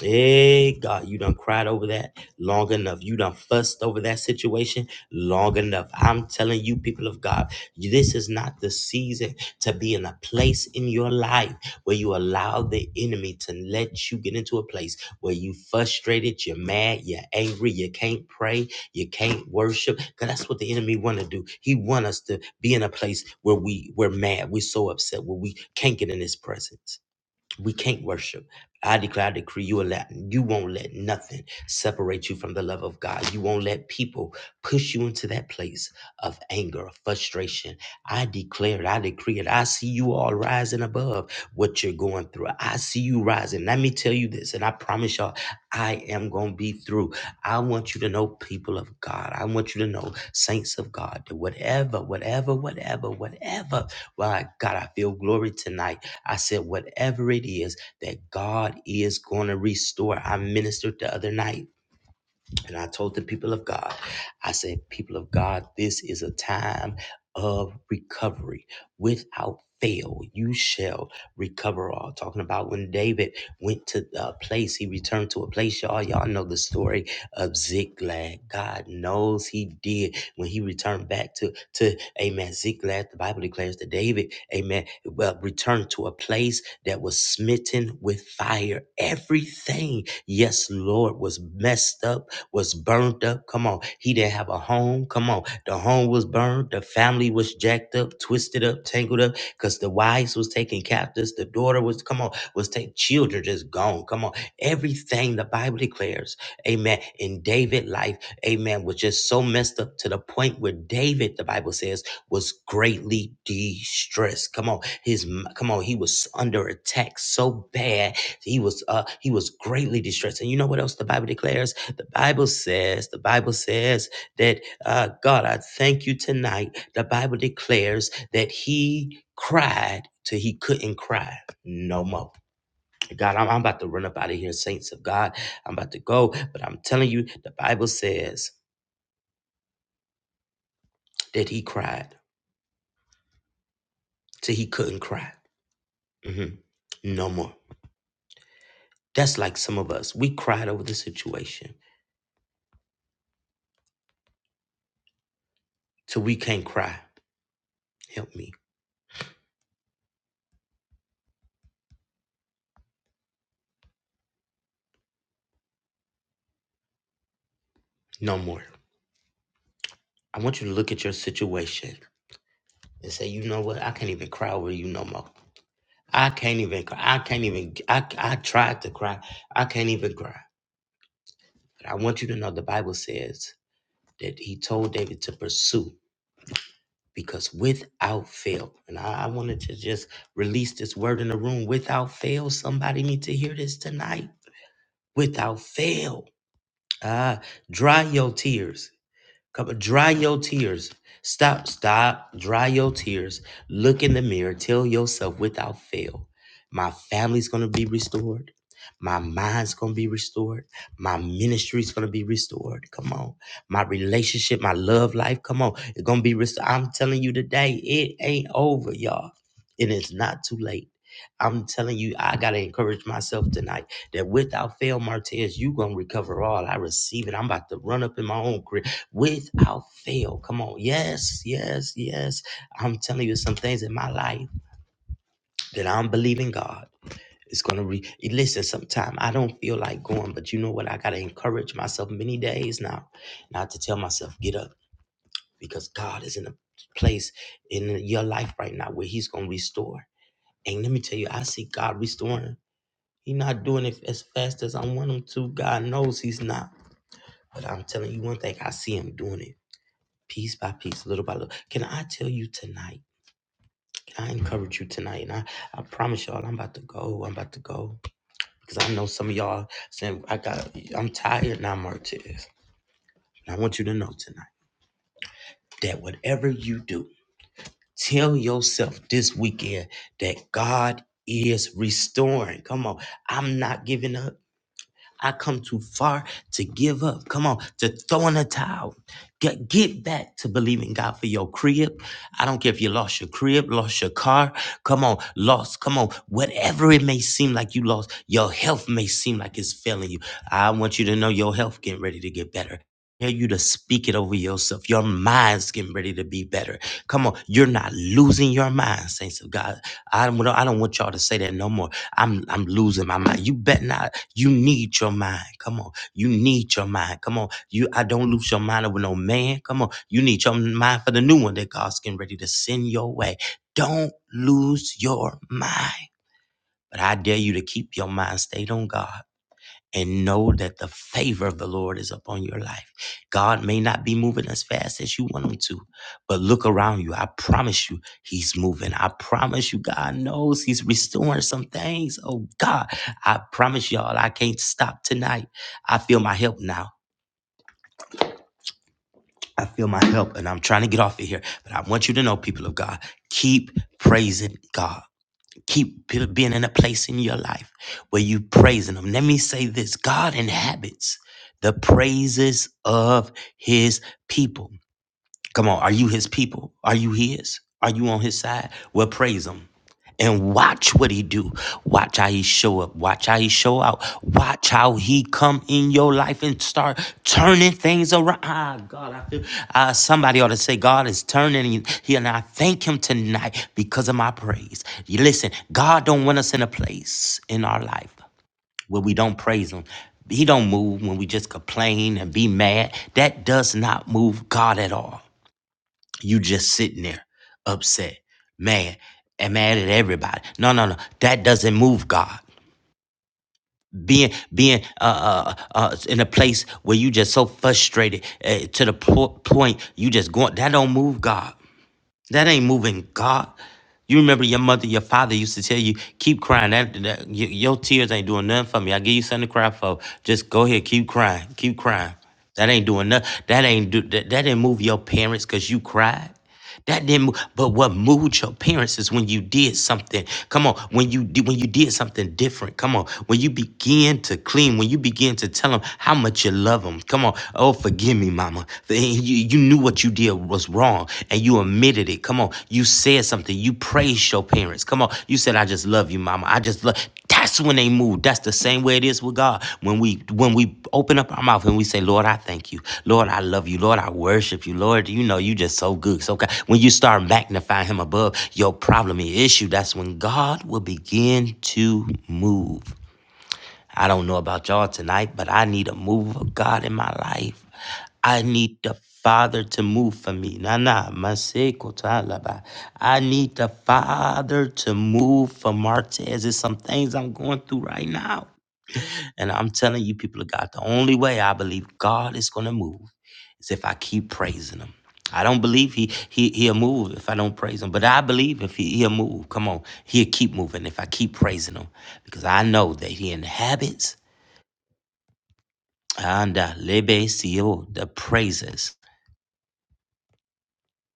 S3: Hey God, you done cried over that long enough. You done fussed over that situation long enough. I'm telling you, people of God, this is not the season to be in a place in your life where you allow the enemy to let you get into a place where you frustrated, you're mad, you're angry, you can't pray, you can't worship. Cause that's what the enemy wanna do. He want us to be in a place where we we're mad, we're so upset, where we can't get in his presence we can't worship. I declare, I decree, you will let you won't let nothing separate you from the love of God. You won't let people push you into that place of anger, of frustration. I declare it, I decree it. I see you all rising above what you're going through. I see you rising. Let me tell you this, and I promise y'all, I am gonna be through. I want you to know, people of God. I want you to know, saints of God, that whatever, whatever, whatever, whatever. Well, God, I feel glory tonight I said, whatever it is that God is going to restore. I ministered the other night and I told the people of God, I said, people of God, this is a time of recovery. Without fail, you shall recover all. Talking about when David went to a place, he returned to a place. Y'all, y'all know the story of Ziklag. God knows he did when he returned back to, to Amen. Ziklag, the Bible declares that David, Amen, well, returned to a place that was smitten with fire. Everything, yes, Lord, was messed up was burned up. Come on. He didn't have a home. Come on. The home was burned. The family was jacked up, twisted up, tangled up because the wives was taken captives. The daughter was, come on, was taken. Children just gone. Come on. Everything the Bible declares, amen, in David' life, amen, was just so messed up to the point where David, the Bible says, was greatly distressed. Come on. His, m- come on. He was under attack so bad. He was, uh, he was greatly distressed. And you know what else the Bible declares? The Bible says, the Bible says that uh, God, I thank you tonight. The Bible declares that he cried till he couldn't cry no more. God, I'm, I'm about to run up out of here, saints of God. I'm about to go, but I'm telling you, the Bible says that he cried till he couldn't cry Mhm. no more. That's like some of us. We cried over the situation till we can't cry. Help me no more. I want you to look at your situation and say, you know what? I can't even cry over you no more. I can't even cry. I can't even. I, I tried to cry. I can't even cry. But I want you to know the Bible says that he told David to pursue because without fail, and I, I wanted to just release this word in the room without fail. Somebody need to hear this tonight. Without fail. Ah, dry your tears. Come, on, dry your tears. Stop, stop, dry your tears. Look in the mirror. Tell yourself without fail, my family's gonna be restored. My mind's gonna be restored. My ministry's gonna be restored. Come on. My relationship, my love life, come on. It's gonna be restored. I'm telling you today, it ain't over, y'all. And it's not too late. I'm telling you, I gotta encourage myself tonight that without fail, Martez, you gonna recover all. I receive it. I'm about to run up in my own crib without fail. Come on. Yes, yes, yes. I'm telling you some things in my life that I'm believing God. is gonna re listen sometime. I don't feel like going, but you know what? I gotta encourage myself many days now, not to tell myself, get up, because God is in a place in your life right now where He's gonna restore. And let me tell you, I see God restoring. He's not doing it as fast as I want him to. God knows he's not. But I'm telling you one thing, I see him doing it. piece by piece, little by little. Can I tell you tonight? Can I encourage you tonight? And I, I promise y'all, I'm about to go. I'm about to go because I know some of y'all saying I got. I'm tired now, Martez. And I want you to know tonight that whatever you do, tell yourself this weekend that God is restoring. Come on, I'm not giving up. I come too far to give up. Come on, to throw in a towel. Get, get back to believing God for your crib. I don't care if you lost your crib, lost your car. Come on, lost. Come on, whatever it may seem like you lost, your health may seem like it's failing you. I want you to know your health getting ready to get better. Hear you to speak it over yourself. Your mind's getting ready to be better. Come on, you're not losing your mind, saints of God. I don't, I don't want y'all to say that no more. I'm I'm losing my mind. You bet not. You need your mind. Come on. You need your mind. Come on. You I don't lose your mind with no man. Come on. You need your mind for the new one that God's getting ready to send your way. Don't lose your mind. But I dare you to keep your mind stayed on God and know that the favor of the Lord is upon your life. God may not be moving as fast as you want him to, but look around you. I promise you, he's moving. I promise you, God knows he's restoring some things. Oh, God, I promise y'all, I can't stop tonight. I feel my help now. I feel my help, and I'm trying to get off of here. But I want you to know, people of God, keep praising God keep p- being in a place in your life where you praising him let me say this god inhabits the praises of his people Come on, are you his people? Are you his? Are you on his side? Well, praise him and watch what he do. Watch how he show up. Watch how he show out. Watch how he come in your life and start turning things around. Ah, God, I feel uh, somebody ought to say God is turning you here, and I thank Him tonight because of my praise. You listen, God don't want us in a place in our life where we don't praise Him. He don't move when we just complain and be mad. That does not move God at all you just sitting there upset, mad, and mad at everybody. No, no, no. That doesn't move God. Being being uh, uh, uh, in a place where you just so frustrated uh, to the po- point you just going that don't move God. That ain't moving God. You remember your mother, your father used to tell you, keep crying. That, that y- your tears ain't doing nothing for me. I give you something to cry for. Just go ahead, keep crying, keep crying. That ain't doing nothing. That ain't do that, that didn't move your parents because you cried. That didn't. mo- But what moved your parents is when you did something. Come on, when you did when you did something different. Come on, when you begin to clean, when you begin to tell them how much you love them. Come on, oh forgive me, mama. And You you knew what you did was wrong and you admitted it. Come on, you said something. You praised your parents difference. Come on. You said, I just love you, mama. I just love that's when they move. That's the same way it is with God. When we when we open up our mouth and we say, Lord, I thank you. Lord, I love you. Lord, I worship you. Lord, you know you just so good. So God. When you start magnifying him above your problem and issue, that's when God will begin to move. I don't know about y'all tonight, but I need a move of God in my life. I need the Father to move for me. Nah, nah, my sequel to I need the Father to move for Martez. There's some things I'm going through right now. And I'm telling you, people of God, the only way I believe God is going to move is if I keep praising Him. I don't believe he, he he'll move if I don't praise him, but I believe if he, he'll move. Come on, he'll keep moving if I keep praising him, because I know that he inhabits Anda lebe sio, the praises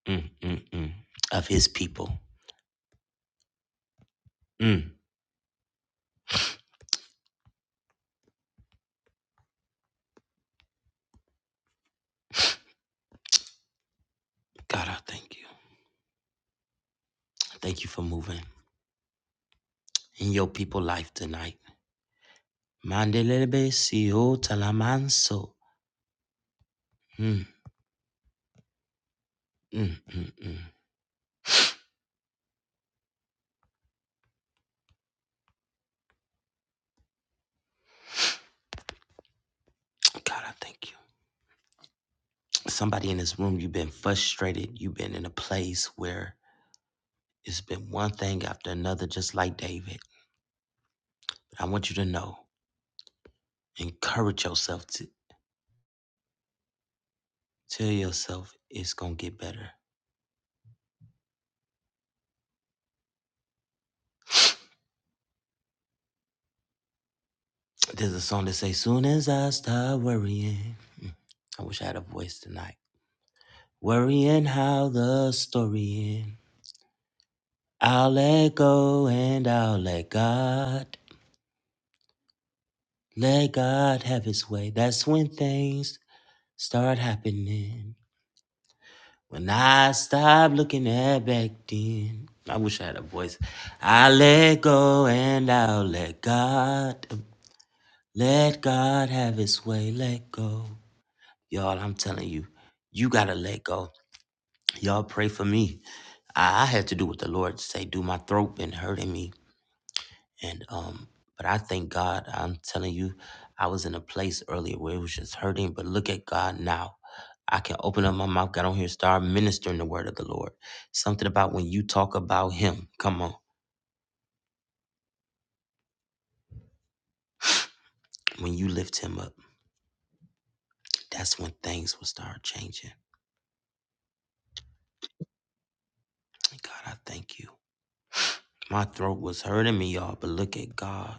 S3: mm, mm, mm, of his people. Mm. God, I thank you. Thank you for moving in your people life tonight. Mande lebe sio talamanso. Mm, mm, mm, mm. God, I thank you. Somebody in this room, you've been frustrated. You've been in a place where it's been one thing after another, just like David. But I want you to know, encourage yourself to tell yourself it's gonna get better. But There's a song that says, Soon as I start worrying, I wish I had a voice tonight. Worrying how the story ends, I'll let go and I'll let God. Let God have his way. That's when things start happening. When I stop looking at back then. I wish I had a voice. I let go and I'll let God. Let God have his way. Let go. Y'all, I'm telling you, you gotta let go Y'all pray for me. I, I had to do what the Lord say. Do my throat been hurting me, and um, but I thank God. I'm telling you, I was in a place earlier where it was just hurting, but look at God now. I can open up my mouth, got on here, start ministering the word of the Lord. Something about when you talk about Him. Come on, when you lift Him up, that's when things will start changing. God, I thank you. My throat was hurting me, y'all, but look at God.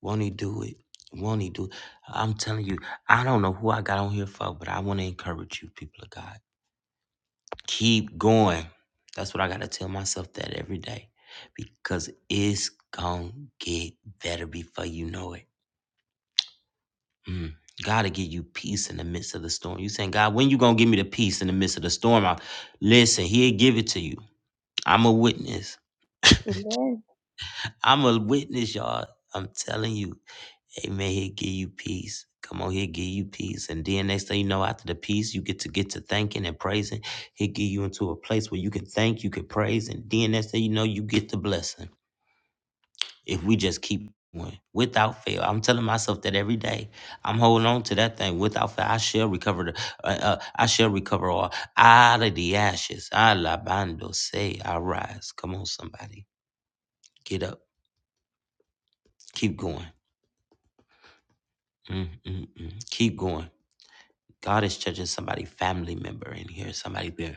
S3: Won't he do it? Won't he do it? I'm telling you, I don't know who I got on here for, but I want to encourage you, people of God. Keep going. That's what I gotta tell myself that every day. Because it's gonna get better before you know it. Mm. Gotta give you peace in the midst of the storm. You saying, God, when you gonna give me the peace in the midst of the storm? I, listen, he'll give it to you. I'm a witness.
S4: Amen.
S3: I'm a witness, y'all. I'm telling you. Amen. He'll give you peace. Come on, he'll give you peace. And then next thing you know, after the peace, you get to get to thanking and praising. He'll give you into a place where you can thank, you can praise. And then next thing you know, you get the blessing. If we just keep going without fail, I'm telling myself that every day. I'm holding on to that thing without fail. I shall recover. The, uh, uh, I shall recover all out of the ashes. Alabando say, I rise. Come on, somebody, get up, keep going. Mm, mm, mm. Keep going God is judging somebody, family member in here, somebody there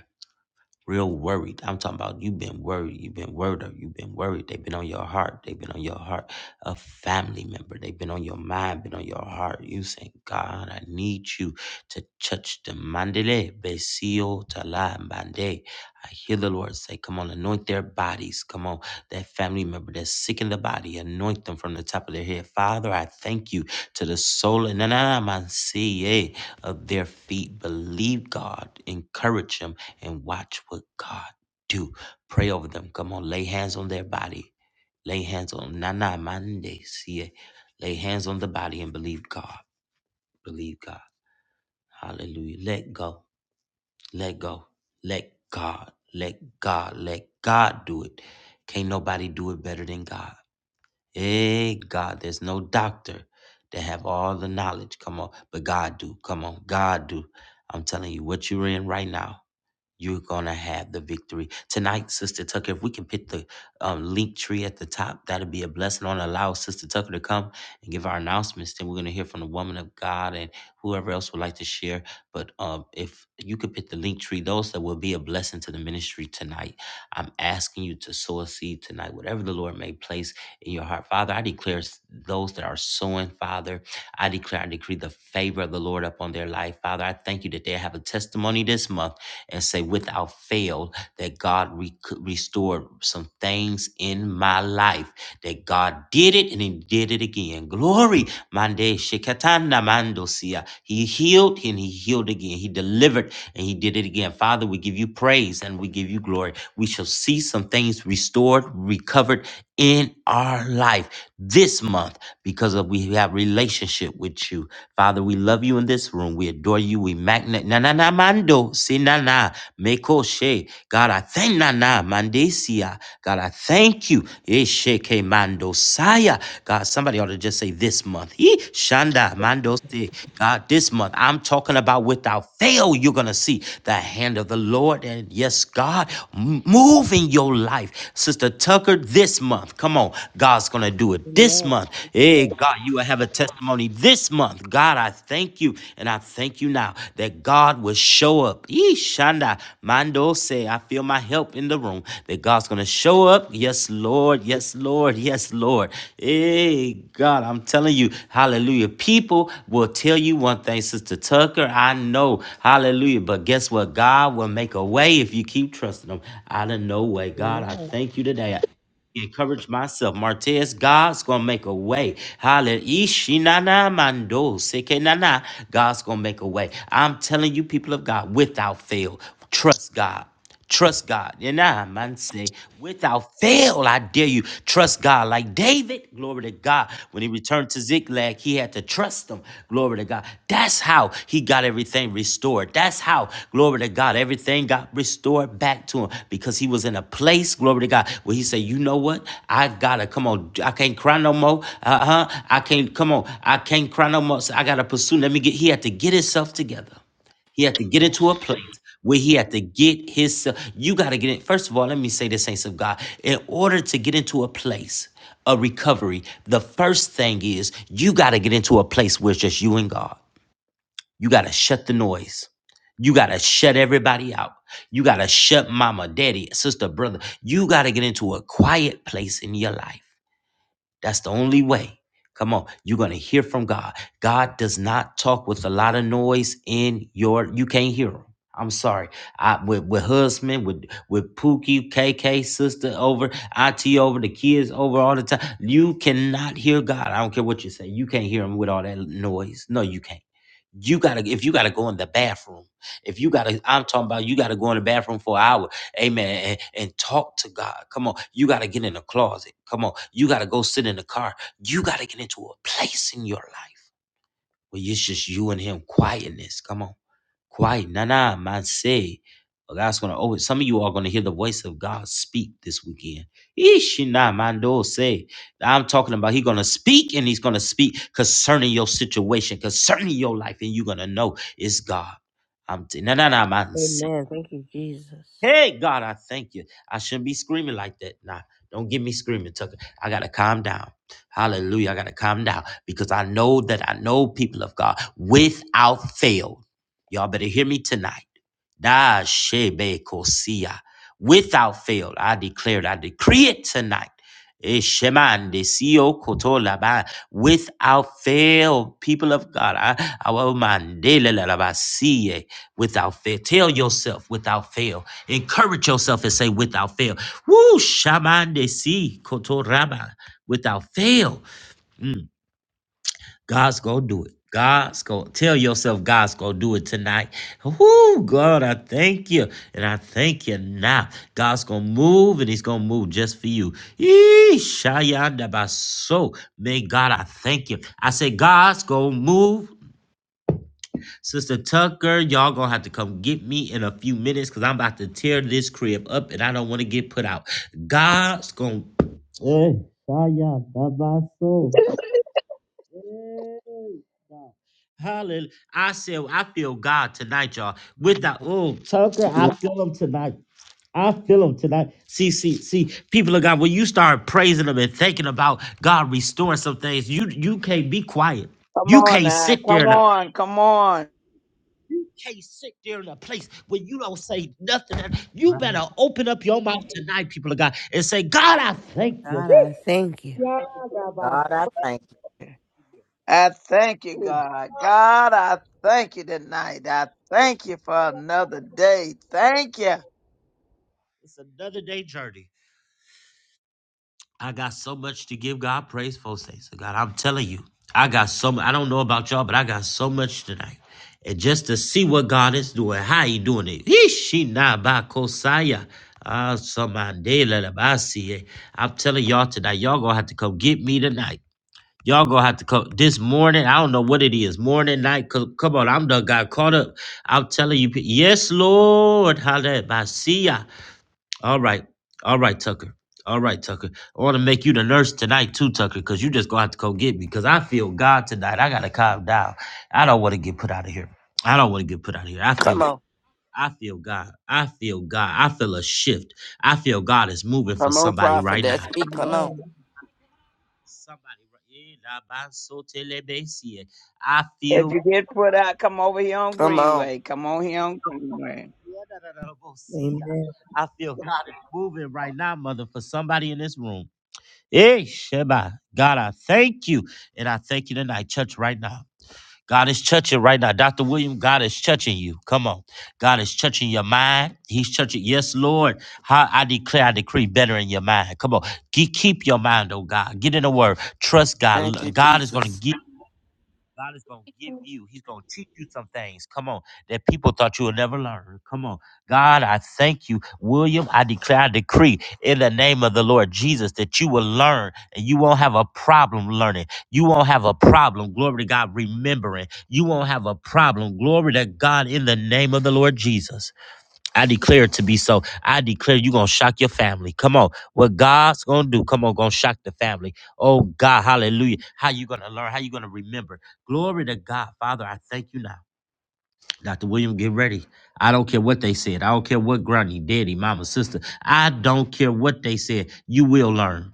S3: real worried. I'm talking about you've been worried, you've been worried, or you've been worried. They've been on your heart, they've been on your heart. A family member, they've been on your mind, been on your heart. You saying, God, I need you to touch them. Mandele, besio, tala, mande. I hear the Lord say, Come on, anoint their bodies. Come on, that family member that's sick in the body, anoint them from the top of their head. Father, I thank you to the soul and na- na- na- man- see, eh, of their feet. Believe God, encourage Him and watch what God do. Pray over them. Come on, lay hands on their body. Lay hands on Nana Mande. See it. Lay hands on the body and believe God. Believe God. Hallelujah. Let go. Let go. Let God. Let God. Let God do it. Can't nobody do it better than God. Hey, God, there's no doctor that have all the knowledge. Come on. But God do. Come on. God do. I'm telling you what you're in right now. You're gonna have the victory tonight, Sister Tucker. If we can put the um, link tree at the top, that'd be a blessing. On allow Sister Tucker to come and give our announcements. Then we're gonna hear from the woman of God and whoever else would like to share. But um, if you could put the link tree, those that will be a blessing to the ministry tonight. I'm asking you to sow a seed tonight, whatever the Lord may place in your heart, Father. I declare s- those that are sowing, Father. I declare, I decree the favor of the Lord upon their life, Father. I thank you that they have a testimony this month and say without fail that God re- restored some things in my life that God did it and he did it again. Glory Mande shikatana mandosia. He healed and he healed again. He delivered and he did it again. Father, we give you praise and we give you glory. We shall see some things restored, recovered in our life this month because of we have relationship with you. Father, we love you in this room. We adore you. We magnet na na na mando si na na meko she. God, I thank na na. Mana Mandesia. God, I thank you. Esheke Mandosaya. God, somebody ought to just say this month. Ee, Shanda Mandosi. God, this month, I'm talking about without fail, you're going to see the hand of the Lord. And yes, God, m- move in your life. Sister Tucker, this month, come on. God's going to do it this
S4: Amen.
S3: month. Hey, God, you will have a testimony this month. God, I thank you. And I thank you now that God will show up. Ishanda Mando say, I feel my help in the room. That God's gonna show up. Yes, Lord. Yes, Lord. Yes, Lord. Hey, God, I'm telling you, hallelujah. People will tell you one thing, Sister Tucker. I know. Hallelujah. But guess what? God will make a way if you keep trusting him. Out of no way. God, I
S4: Amen.
S3: thank you today encourage myself. Martez, God's gonna make a way. Hallelujah. Ishinana mando sekenana. God's gonna make a way. I'm telling you, people of God, without fail, trust God. Trust God. And I man say, without fail, I dare you, trust God. Like David, glory to God. When he returned to Ziklag. Ziklag, he had to trust him. Glory to God. That's how he got everything restored. That's how, glory to God, everything got restored back to him because he was in a place, glory to God, where he said, You know what? I gotta come on. I can't cry no more. Uh huh. I can't, come on. I can't cry no more. So I gotta pursue. Let me get, he had to get himself together. He had to get
S4: Amen.
S3: into a place where he had to get his. You got to get in. First of all, let me say this, saints of God. In order to get into a place of recovery, the first thing is you got to get into a place where it's just you and God. You got to shut the noise. You got to shut everybody out. You got to shut mama, daddy, sister, brother. You got to get into a quiet place in your life. That's the only way. Come on, you're gonna hear from God. God does not talk with a lot of noise in your. You can't hear him. I'm sorry. I with with husband with with Pookie, KK, sister over, IT over, the kids over all the time. You cannot hear God. I don't care what you say. You can't hear him with all that noise. No, you can't. You gotta if you gotta go in the bathroom. If you gotta, I'm talking about you gotta go in the bathroom for hours. Amen. And, and talk to God. Come on. You got to get in the closet. Come on. You got to go sit in the car. You got to get into a place in your life where it's just you and Him. Quietness. Come on. Quiet. Nah, nah, man. Say. Well, God's going to always, some of you are going to hear the voice of God speak this weekend. Ishi na mando say. I'm talking about He's going to speak and He's going to speak concerning your situation, concerning your life, and you're going to know it's God. I'm t- nah, nah, nah, man.
S4: Amen. Thank you, Jesus.
S3: Hey, God, I thank you. I shouldn't be screaming like that. Nah, don't get me screaming, Tucker. I got to calm down. Hallelujah. I got to calm down because I know that I know people of God without fail. Y'all better hear me tonight. Da shebe kosia. Without fail, I declare it. I decree it tonight. Eh, sheman de sio koto laba. Without fail, people of God, I, I will mandela la laba siye without fail. Tell yourself without fail. Encourage yourself and say without fail. Woo, shaman de si kotoraba. Without fail, God's gonna do it. God's gonna tell yourself God's gonna do it tonight. Whoo, God, I thank you. And I thank you now. God's gonna move and He's gonna move just for you. Yee, shayanda baso. Man, God, I thank you. I say God's gonna move Sister Tucker, y'all gonna have to come get me in a few minutes because I'm about to tear this crib up and I don't want to get put out. God's gonna. Eh, Shia, Dabaso. Eh, God. Hallelujah. I said, I feel God tonight, y'all. Without, oh, Tucker, I feel him tonight. I feel him tonight. See, see, see, people of God, when you start praising him and thinking about God restoring some things, you you can't be quiet.
S5: Come
S3: You
S5: on
S3: can't
S5: now.
S3: sit there
S5: Come
S3: and
S5: on. Come on.
S3: You can't sit there in a place where you don't say nothing. You better
S4: Right.
S3: open up your mouth tonight, people of God, and say, God, I thank you.
S4: God, I thank you.
S3: Yeah,
S2: God, I thank you.
S5: I thank you, God. God, I thank you tonight. I thank you for another day. Thank you.
S3: It's another day journey. I got so much to give God praise for, saints of God. I'm telling you, I got so much. I don't know about y'all, but I got so much tonight. And just to see what God is doing, how He doing it. Ishinabakosaya. Ah, somebody, let him- I see it. I'm telling y'all tonight, y'all gonna have to come get me tonight. Y'all gonna have to come this morning. I don't know what it is, morning, night. co- Come on, I'm done. Got caught up. I'm telling you, pe- yes, Lord. Hallelujah. All right, all right, Tucker. All right, Tucker. I want to make you the nurse tonight too, Tucker, because you just gonna have to go get me. Because I feel God tonight. I gotta calm down. I don't want to get put out of here. I don't want to get put out of here. I feel.
S6: Come on.
S3: I feel God. I feel God. I feel a shift. I feel God is moving for
S6: Come on,
S3: somebody
S6: prophet.
S3: right
S6: That's
S3: now.
S6: me. Come on.
S4: Amen.
S3: Somebody, ra- eh, la ba so te le be si eh. I feel,
S5: If you get put out, come over here on
S6: Come on.
S5: Greenway. Come on here on Greenway.
S3: yeah, si
S4: Amen.
S3: I feel God is moving right now, mother, for somebody in this room. Hey, Sheba, God, I thank you. And I thank you tonight, church, right now. God is touching right now. Dr. William, God is touching you. Come on. God is touching your mind. He's touching. Yes, Lord. How I declare, I decree better in your mind. Come on. Ke- Keep your mind, oh God. Get in the word. Trust God.
S6: Thank
S3: L-
S6: you,
S3: God is going to
S6: Jesus.
S3: give. God is going to give you, He's going to teach you some things. Come on, that people thought you would never learn. Come on. God, I thank you. William, I declare, I decree in the name of the Lord Jesus that you will learn and you won't have a problem learning. You won't have a problem, glory to God, remembering. You won't have a problem, glory to God, in the name of the Lord Jesus. I declare it to be so. I declare you're going to shock your family. Come on. What God's going to do, come on, going to shock the family. Oh, God, hallelujah. How you going to learn? How you going to remember? Glory to God. Father, I thank you now. Dr. William, get ready. I don't care what they said. I don't care what granny, daddy, mama, sister. I don't care what they said. You will learn.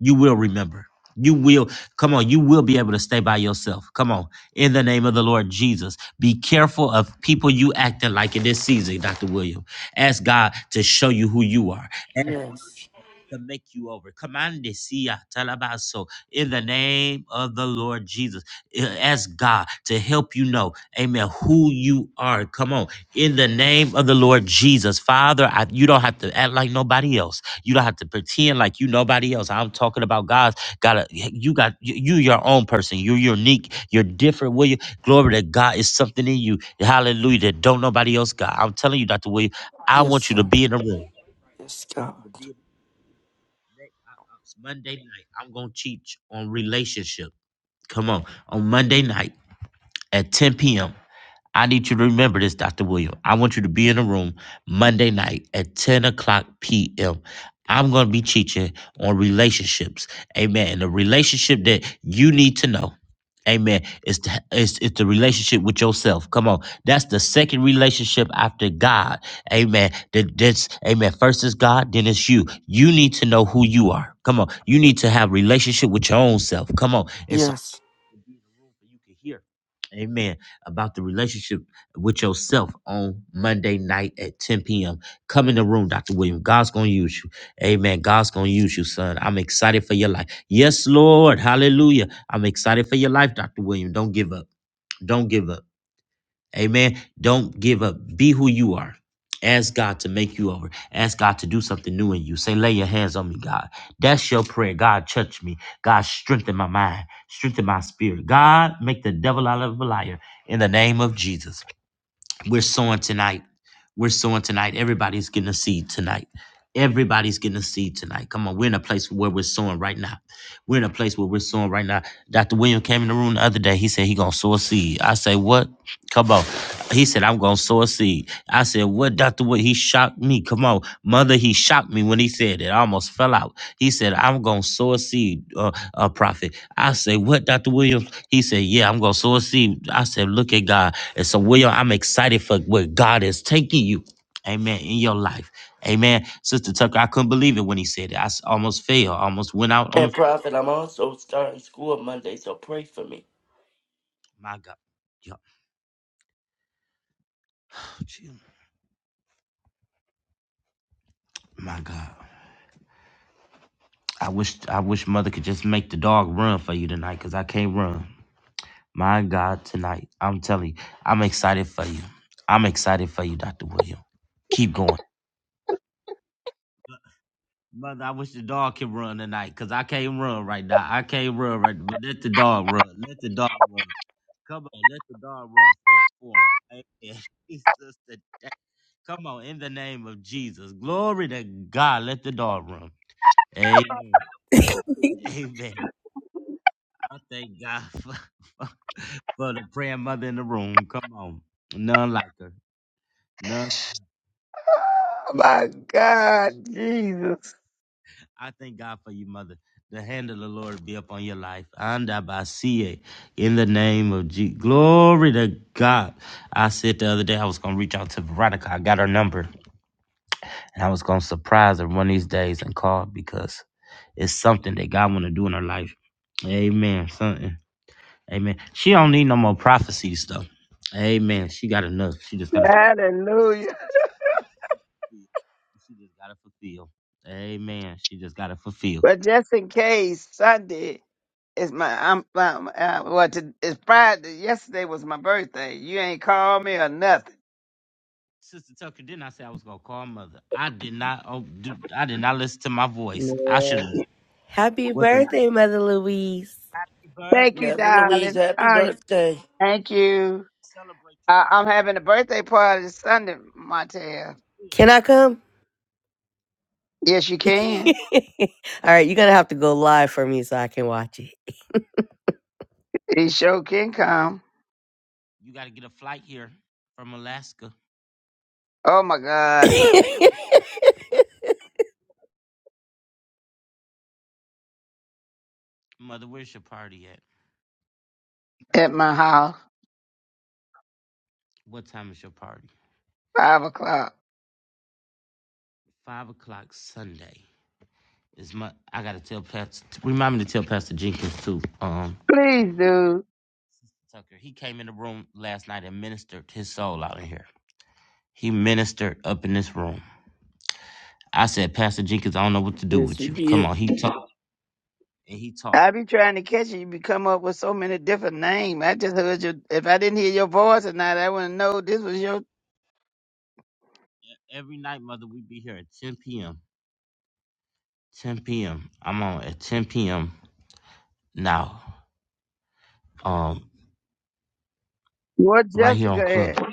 S3: You will remember. You will, come on, you will be able to stay by yourself. Come on. In the name of the Lord Jesus, be careful of people you acting like in this season, Dr. William. Ask God to show you who you are
S6: Yes.
S3: to make you over. Commande siya talabaso in the name of the Lord Jesus. I- Ask God to help you know, amen, who you are. Come on. In the name of the Lord Jesus. Father, I, you don't have to act like nobody else. You don't have to pretend like you nobody else. I'm talking about God's got a? you got you, you your own person. You're unique. You're different. Will you? Glory to God is something in you. Hallelujah. That don't nobody else got. I'm telling you, Dr. William, I
S6: Yes,
S3: want you to
S6: sir.
S3: be in the room.
S6: Yes, God.
S3: It's Monday night. I'm gonna teach on relationship. Come on, on Monday night at 10 p.m. I need you to remember this, Dr. William. I want you to be in the room Monday night at 10 o'clock p.m. I'm going to be teaching on relationships. Amen. And the relationship that you need to know. Amen. It's the, it's, it's the relationship with yourself. Come on. That's the second relationship after God. Amen. That, that's, amen. First is God, then it's you. You need to know who you are. Come on. You need to have relationship with your own self. Come on. it's
S6: Yes.
S3: and be in the room so you can hear. Amen. About the relationship with yourself on Monday night at 10 p.m. Come in the room, Dr. William. God's going to use you. Amen. God's going to use you, son. I'm excited for your life. Yes, Lord. Hallelujah. I'm excited for your life, Dr. William. Don't give up. Don't give up. Amen. Don't give up. Be who you are. Ask God to make you over. Ask God to do something new in you. Say, lay your hands on me, God. That's your prayer. God, touch me. God, strengthen my mind. Strengthen my spirit. God, make the devil out of a liar in the name of Jesus. We're sowing tonight. We're sowing tonight. Everybody's getting a seed tonight. Everybody's getting a seed tonight. Come on, we're in a place where we're sowing right now. We're in a place where we're sowing right now. Dr. William came in the room the other day. He said he gonna sow a seed. I say, what? Come on. He said, I'm going to sow a seed. I said, What, Dr. Wood? He shocked me. Come on. Mother, he shocked me when he said it. I almost fell out. He said, I'm going to sow a seed, uh, uh, prophet. I said, What, Dr. Williams? He said, Yeah, I'm going to sow a seed. I said, Look at God. And so, William, I'm excited for where God is taking you. Amen. In your life. Amen. Sister Tucker, I couldn't believe it when he said it. I s- almost fell, I almost went out on the.
S6: And prophet, I'm also starting school Monday, so pray for me.
S3: My God. Yup. My God. I wish I wish mother could just make the dog run for you tonight because I can't run. My God, tonight. I'm telling you, I'm excited for you. I'm excited for you, Dr. William. Keep going. Mother, I wish the dog could run tonight because I can't run right now. I can't run right now. But let the dog run. Let the dog run. Come on, let the dog run for, for him. Amen. (laughs) Jesus, today. Come on, in the name of Jesus. Glory to God. Let the dog run. Amen.
S4: (laughs)
S3: Amen. I thank God for. (laughs) for the prayer mother in the room. Come on. None like her. None.
S5: Oh my God, Jesus.
S3: I thank God for you, mother. The hand of the Lord be upon your life. And I by see it in the name of Jesus. Glory to God. I said the other day I was going to reach out to Veronica. I got her number. And I was going to surprise her one of these days and call because it's something that God want to do in her life. Amen. Something. Amen. She don't need no more prophecies though. Amen. She got enough. She just got to
S5: Hallelujah.
S3: She just got to fulfill. Amen. She just got to fulfill.
S5: But just in case, Sunday is my, I'm, um, uh, well, to, it's Friday. Yesterday was my birthday. You ain't called me or nothing.
S3: Sister Tucker, didn't I say I was gonna call mother? I did not. Oh, dude, I did not listen to my voice. I should
S4: Amen.
S3: have.
S4: Happy
S3: What the?
S4: birthday, Mother Louise.
S3: Bird?
S5: Thank you,
S6: Mother Louise,
S5: darling.
S6: happy
S5: Oh,
S6: birthday.
S5: thank you. I, I'm having a birthday party Sunday, Montel.
S4: Can I come?
S5: Yes, you
S4: (laughs) All
S5: can.
S4: right, you're gonna have to go live for me so I can watch it.
S5: He sure can come.
S3: You got to get a flight here from Alaska.
S5: Oh my God,
S4: (laughs)
S3: Mother, where's your party at?
S5: at my house,
S3: What time is your party?
S5: five o'clock.
S3: Five o'clock Sunday. Is my? I gotta tell Pastor. Remind me to tell Pastor Jenkins too. Um,
S5: Please, dude.
S3: Tucker. He came in the room last night and ministered his soul out in here. He ministered up in this room. I said, Pastor Jenkins, I don't know what to do
S6: Yes,
S3: with
S6: he
S3: you. Come
S6: did.
S3: on, he talked and he talked.
S5: I be trying to catch you. You be come up with so many different names. I just heard you. If I didn't hear your voice tonight, I wouldn't know this was your.
S3: E- Every night, mother, we be here at 10 p.m. 10 p.m. I'm on at 10 p.m. now. Um,
S5: What
S3: right here
S5: Jessica
S3: on Club.
S5: at?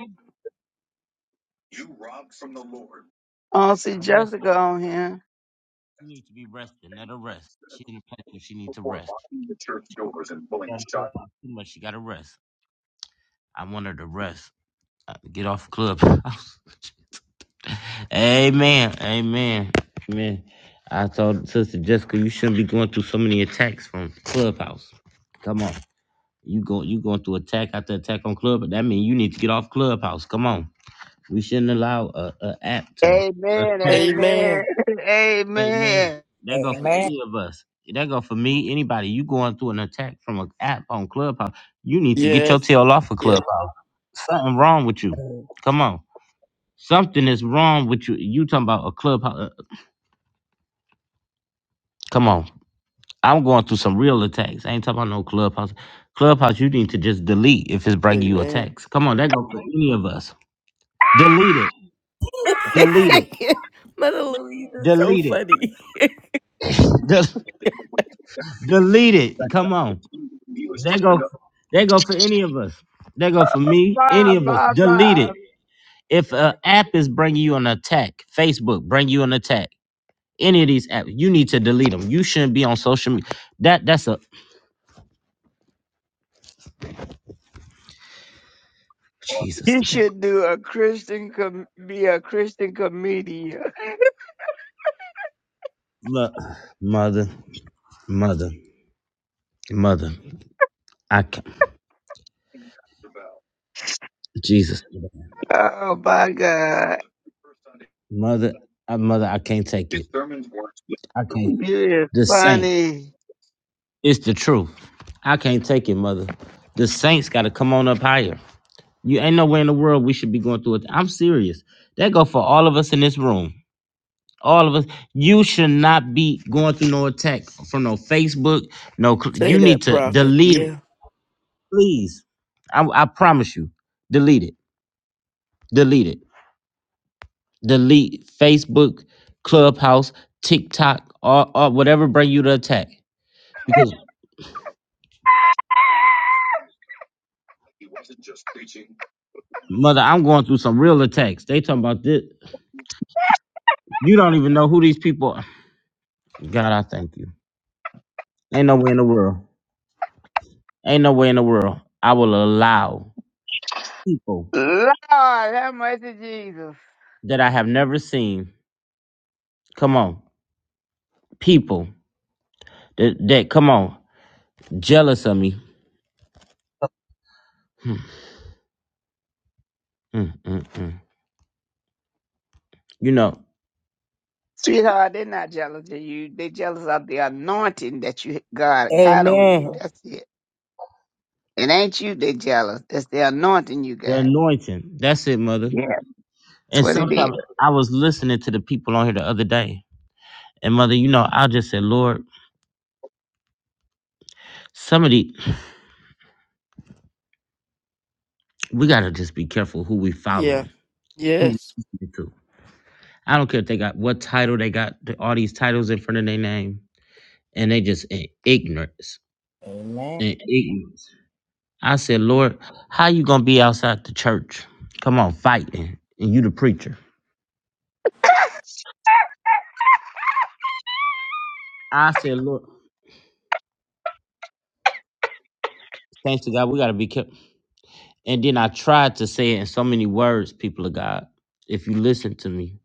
S5: I don't see
S3: Rest.
S5: Jessica on here.
S3: She needs to be resting. Let her rest. She in a place where she needs to rest. She On Clubhouse Too much. She gotta rest. I want her to rest. Uh, Get off Club. (laughs) Amen. Amen. Amen. I told Sister Jessica, you shouldn't be going through so many attacks from Clubhouse. Come on. You go you going through attack after attack on club, but that means you need to get off Clubhouse. Come on. We shouldn't allow a, a app to
S5: Amen.
S3: attack.
S5: Amen.
S6: Amen.
S5: (laughs)
S3: Amen.
S5: amen.
S3: That go for
S2: Amen.
S3: any of us. That go for me, anybody. You going through an attack from an app on Clubhouse. You need to get your
S6: Yes.
S3: tail off of
S6: Yep.
S3: Clubhouse. Something wrong with you. Come on. Something is wrong with you. You talking about a clubhouse. uh, Come on. I'm going through some real attacks. I ain't talking about no clubhouse. Clubhouse, you need to just delete if it's bringing you
S6: Amen.
S3: attacks. Come on, that go for any of us. Delete it. Delete it.
S4: (laughs) Mother Louise is so
S3: Delete it.
S4: funny.
S3: De- delete it. Come on. They go. They go for any of us. They go for me.
S5: Bye.
S3: Any of us.
S5: Bye.
S3: Delete
S5: Bye.
S3: it. If an app is bringing you an attack, Facebook bring you an attack. Any of these apps, you need to delete them. You shouldn't be on social media. That that's a Jesus
S5: You
S3: today.
S5: should do a Christian com- be a Christian comedian. (laughs)
S3: Look, mother, mother, mother. I can't. Jesus,
S5: Oh my God,
S3: mother, I, mother. I can't take it. I can't.
S5: you is
S3: The saint.
S5: funny.
S3: It's the truth. I can't take it, mother. The saints got to come on up higher. You ain't nowhere in the world we should be going through it. I'm serious. That go for all of us in this room. All of us. You should not be going through no attack from no Facebook. No, cl-
S6: Say
S3: you need
S6: that,
S3: to
S6: prophet.
S3: delete it,
S6: Yeah.
S3: please. I, I promise you, delete it. Delete it. Delete Facebook, Clubhouse, TikTok, or, or whatever bring you to attack. Because mother, I'm going through some real attacks. They talking about this. You don't even know who these people are. God, I thank you. Ain't no way in the world. Ain't no way in the world. I will allow people
S5: Lord, have mercy, Jesus,
S3: that I have never seen. Come on. People that, that come on, jealous of me. Hmm, hmm, hmm, hmm. You know,
S5: sweetheart. They're not jealous of you. They jealous of the anointing that you God got on you.
S4: Amen.
S5: That's it. It ain't you they jealous. It's the anointing you
S3: the
S5: got.
S3: anointing. That's it, mother.
S5: Yeah, that's
S3: And
S5: what it is.
S3: sometimes I was listening to the people on here the other day. And mother, you know, I just said, Lord, somebody, we gotta just be careful who we
S6: Yeah.
S3: following, who we
S6: Yes.
S3: listening to. I don't care if they got what title they got th- all these titles in front of their name, and they just in ignorance.
S2: Amen.
S3: In ignorance. I said, Lord, how you gonna be outside the church? Come on, fighting, and you the preacher. I said, Lord, thanks to God, we gotta be careful. And then I tried to say it in so many words, people of God. If you listen to me,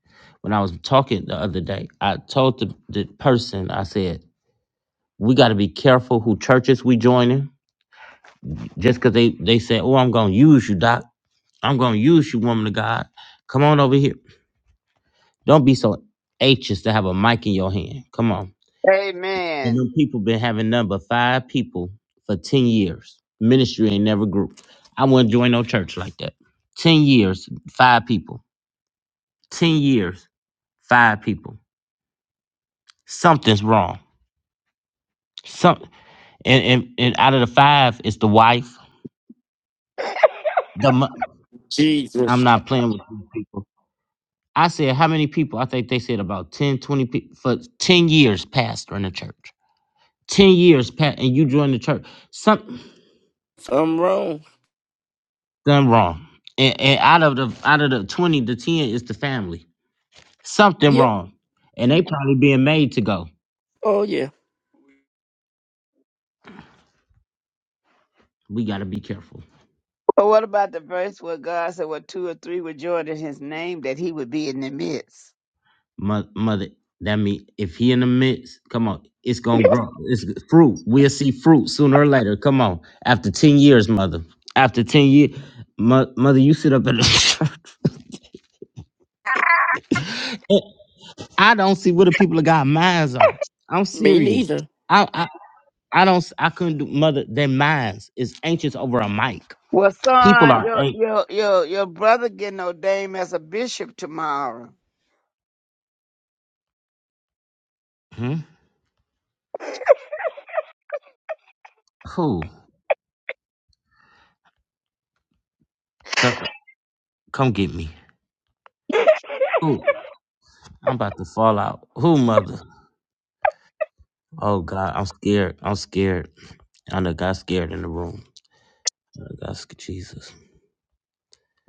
S3: when I was talking the other day, I told the, the person, I said, we gotta be careful who churches we joining. Just cause they they say, Oh, I'm gonna use you, Doc. I'm gonna use you, woman of God. Come on over here. Don't be so anxious to have a mic in your hand. Come on. And
S5: Amen.
S3: them people been having none but five people for 10 years. Ministry ain't never grew. I wouldn't join no church like that. 10 years, five people. 10 years, five people. Something's wrong. Some and, and, and out of the five, it's the wife. The mo- I'm
S6: Jesus.
S3: not playing with these people. I said, how many people? I think they said about 10, 20 people for 10 years, pastor in the church. 10 years pat and you join the church something
S6: I'm wrong.
S3: done wrong and, and out of the out of the 20 the 10 is the family something
S6: Yep.
S3: wrong and they probably being made to go
S6: Oh, yeah.
S3: we got to be careful
S5: But what about the verse where God said, "What two or three were joined in His name, that He would be in the midst."
S3: Mo- mother that mean if he in the midst come on it's gonna grow it's g- fruit we'll see fruit sooner or later come on after 10 years mother after 10 years mo- mother you sit up in the (laughs) church i don't see what the people of god minds are i'm
S6: Me
S3: serious
S6: neither.
S3: I don't. s- I couldn't do mother. Their minds is anxious over a mic.
S5: Well,
S3: People
S5: son,
S3: are
S5: your
S3: anxious.
S5: your your your brother getting ordained as a bishop tomorrow,
S3: Hmm? Who? Tucker, come get me. Who? I'm about to fall out. Who, mother? Oh God, I'm scared. I'm scared. I done got scared in the room. I got scared. Jesus.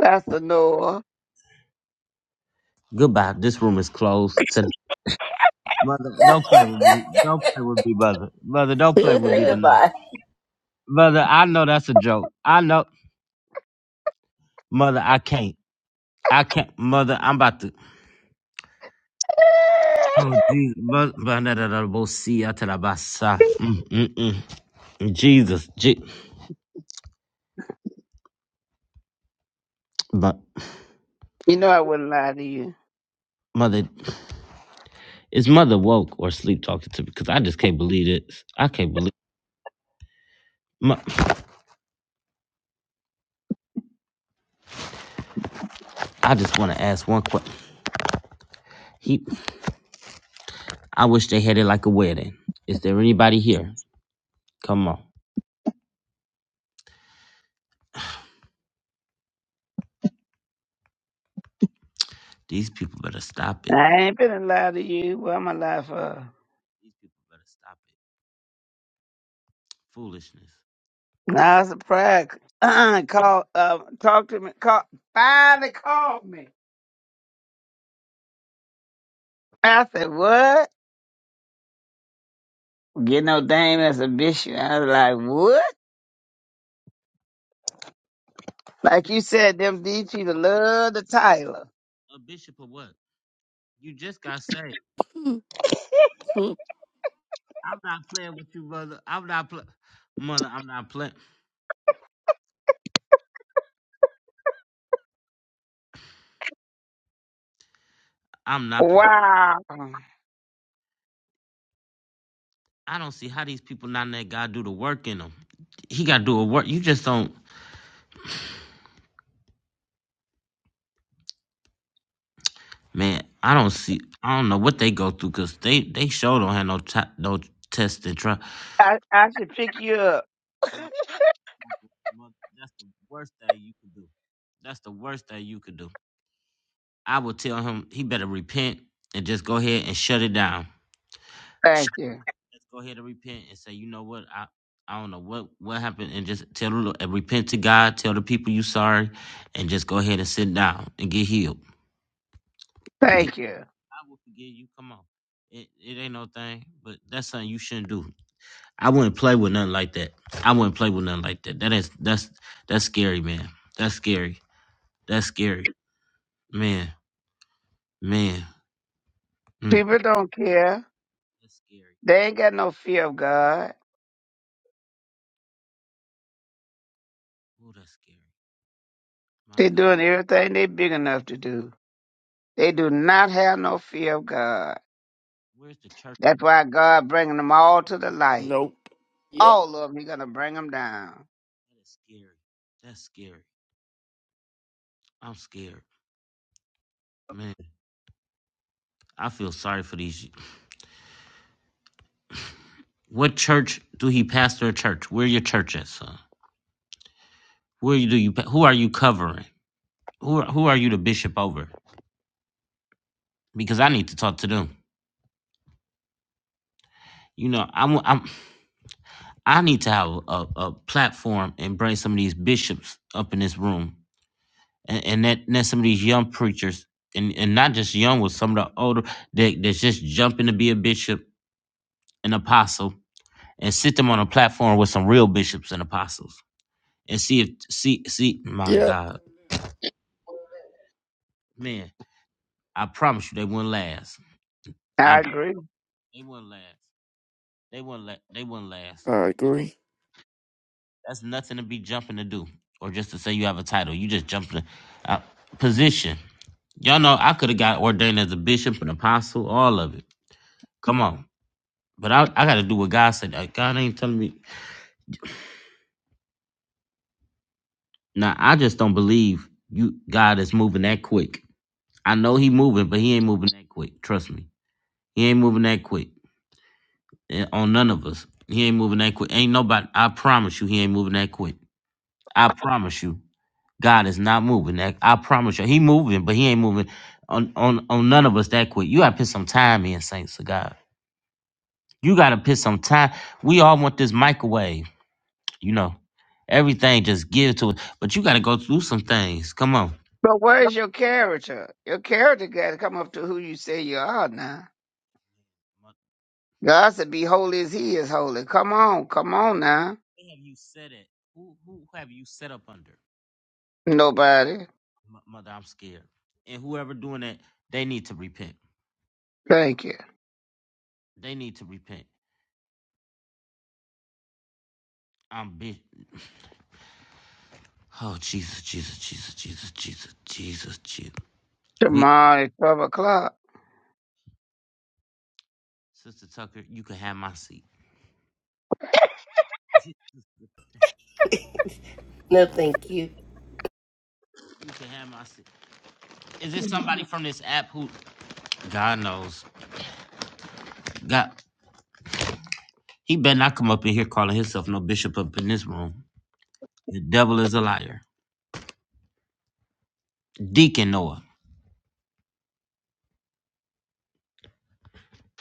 S5: Pastor Noah.
S3: Goodbye. This room is closed. To mother, don't play with me.
S4: (laughs)
S3: Don't play with me, mother. Mother, don't play
S4: he
S3: with
S4: said
S3: me tonight.
S4: goodbye.
S3: Mother, I know that's a joke. I know, mother. I can't. I can't, mother. I'm about to. Oh, Jesus. Ba- ba- da- da- da- bo- see, ya- ta- da- ba- sa. Mm, mm, mm. Jesus. Je- but
S5: You know I wouldn't lie to you.
S3: mother, is mother woke or sleep talking to me? Because I just can't believe this. I can't believe. Mo- I just want to ask one question. He, I wish they had it like a wedding. Is there anybody here? Come on. These people better stop it.
S5: I ain't been to lie to you. What am I lying for?
S3: These people better stop it. Foolishness.
S5: I it's surprised. Uh, call, uh, talk to me. Call, finally called me. I said, "What? Getting ordained as a bishop?" I was like, "What?" Like you said, them these people love the Tyler.
S3: A bishop or what? You just got saved.
S6: (laughs)
S3: I'm not playing with you, mother. I'm not playing. Mother, I'm not playing. I'm not.
S5: Wow.
S3: I don't see how these people not let God do the work in them. He got to do a work. You just don't, man. I don't see. I don't know what they go through because they they sure don't have no t- no test and try.
S5: I I should pick you up.
S3: No, mother- that's the worst thing you could do. That's the worst thing you could do. I would tell him he better repent and just go ahead and shut it down. Sh-
S5: Thank you.
S3: Just go ahead and repent and say, you know what, I. I don't know what what happened, and just tell the Lord- and repent to God. Tell the people you sorry, and just go ahead and sit down and get healed
S5: Thank you.
S3: I will forgive you. Come on. It, it ain't no thing, but that's something you shouldn't do. I wouldn't play with nothing like that. I wouldn't play with nothing like that. That is that's that's scary, man. That's scary. That's scary, man. Man, mm.
S5: People don't care.
S3: that's scary.
S5: They ain't got no fear of God.
S3: Oh, that's scary. My
S5: They
S3: God,
S5: doing everything they big enough to do. They do not have no fear of God.
S3: where's the church at? man?
S5: That's why God bringing them all to the light.
S6: Nope. Yep.
S5: All of them, He gonna bring them down.
S3: That is scary. That's scary. I'm scared, man. I feel sorry for these. What church do he pastor a church? Where your church at, son? Where you do you? pa- Who are you covering? Who are, who are you the bishop over? because I need to talk to them. You know, I'm, I'm I need to have a, a platform and bring some of these bishops up in this room, and, and that that some of these young preachers, and, and not just young, with some of the older that that's just jumping to be a bishop, an apostle, and sit them on a platform with some real bishops and apostles, and see if see see my
S6: Yep.
S3: God, man, I promise you they wouldn't last. I
S5: I agree.
S3: they wouldn't last. They wouldn't la- they wouldn't last.
S6: I agree.
S3: That's nothing to be jumping to do, or just to say you have a title. You just jump to uh, position. Y'all know I could have got ordained as a bishop, an apostle, all of it. Come on, but I I got to do what God said. Uh, God ain't telling me. Now I just don't believe you. God is moving that quick. I know He moving, but He ain't moving that quick. Trust me, He ain't moving that quick eh, on none of us. He ain't moving that quick. Ain't nobody. I promise you, He ain't moving that quick. I promise you. God is not moving. That I promise you, He moving, but He ain't moving on on on none of us that quick. You gotta put some time in, saints of God. You gotta put some time. We all want this microwave, you know. Everything just give to it, but you gotta go through some things. Come on.
S5: But where's your character? Your character got to come up to who you say you are now.
S3: Mother,
S5: God said, "Be holy as He is holy." Come on, come on now.
S3: Who have you set it? Who who have you set up under?
S5: Nobody.
S3: Mo- Mother, I'm scared. And whoever doing that, they need to repent.
S5: Thank you.
S3: They need to repent. I'm big. Oh Jesus, Jesus, Jesus, Jesus, Jesus, Jesus, Jesus.
S5: Tomorrow at twelve o'clock.
S3: Sister Tucker, you can have my seat. (laughs)
S4: No, thank you.
S3: You can have my seat. Is this somebody from this app who God knows? God he better not come up in here calling himself no bishop up in this room. The devil is a liar. Deacon Noah.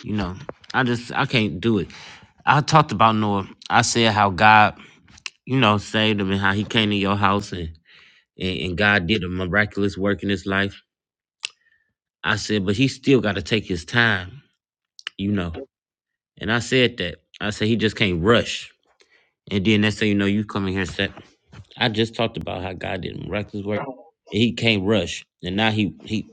S3: You know, I just I can't do it. I talked about Noah. I said how God, you know, saved him and how he came to your house and, and, and God did a miraculous work in his life. I said, but he still gotta take his time, you know. And I said that. I said he just can't rush. And then that's how you know you coming here set. I just talked about how God did miraculous work. He can't rush. And now he he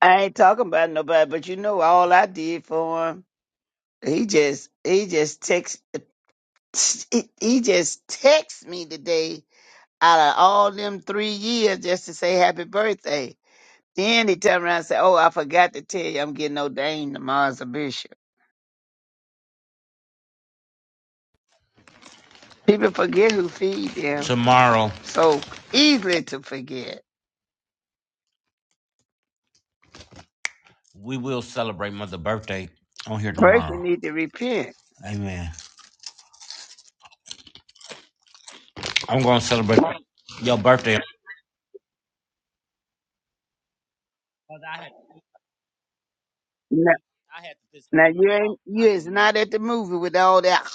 S5: I ain't talking about nobody, but you know all I did for him. He just he just text he he just text me today out of all them three years just to say happy birthday. Then he turned around and said, Oh, I forgot to tell you I'm getting ordained tomorrow as a bishop. People forget who feed them
S3: tomorrow
S5: so easily to forget.
S3: we will celebrate mother birthday on here
S5: First
S3: tomorrow.
S5: you need to repent.
S3: Amen. I'm gonna celebrate your birthday. Mother, I had
S5: Now,
S3: I had to put something
S5: now
S3: in my
S5: you ain't
S3: I
S5: you
S3: said,
S5: is
S3: Lord, I
S5: not at the movie with all that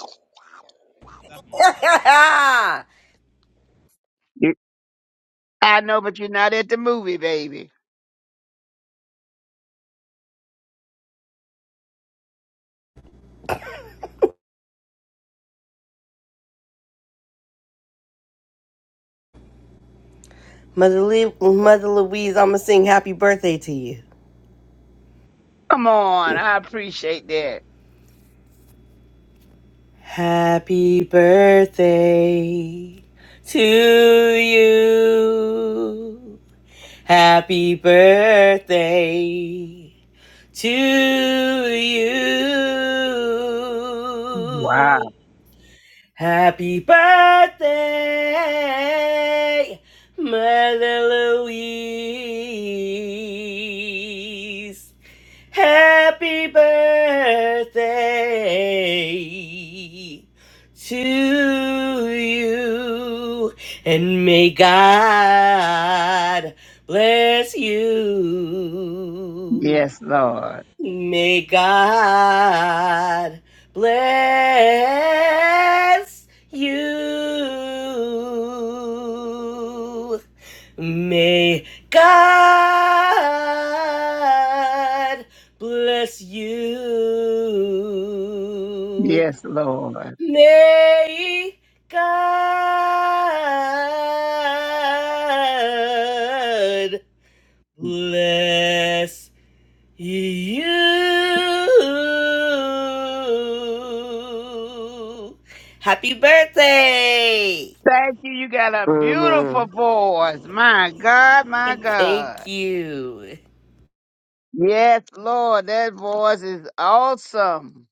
S3: left mother. Left mother.
S4: (laughs)
S5: You- I know, but you're not at the movie, baby.
S4: Mother, Lou Mother Louise, I'm going to sing happy birthday to you.
S5: Come on, I appreciate that.
S4: Happy birthday to you. Happy birthday to you.
S5: Wow.
S4: Happy birthday, Mother Louise. Happy birthday to you, and may God bless you.
S5: Yes, Lord.
S4: May God bless you. May God bless you.
S5: Yes, Lord.
S4: May God bless you. Happy birthday!
S5: Thank you. You got a beautiful
S6: Amen.
S5: voice. My God, my
S4: Thank
S5: God.
S4: you.
S5: Yes, Lord. That voice is awesome.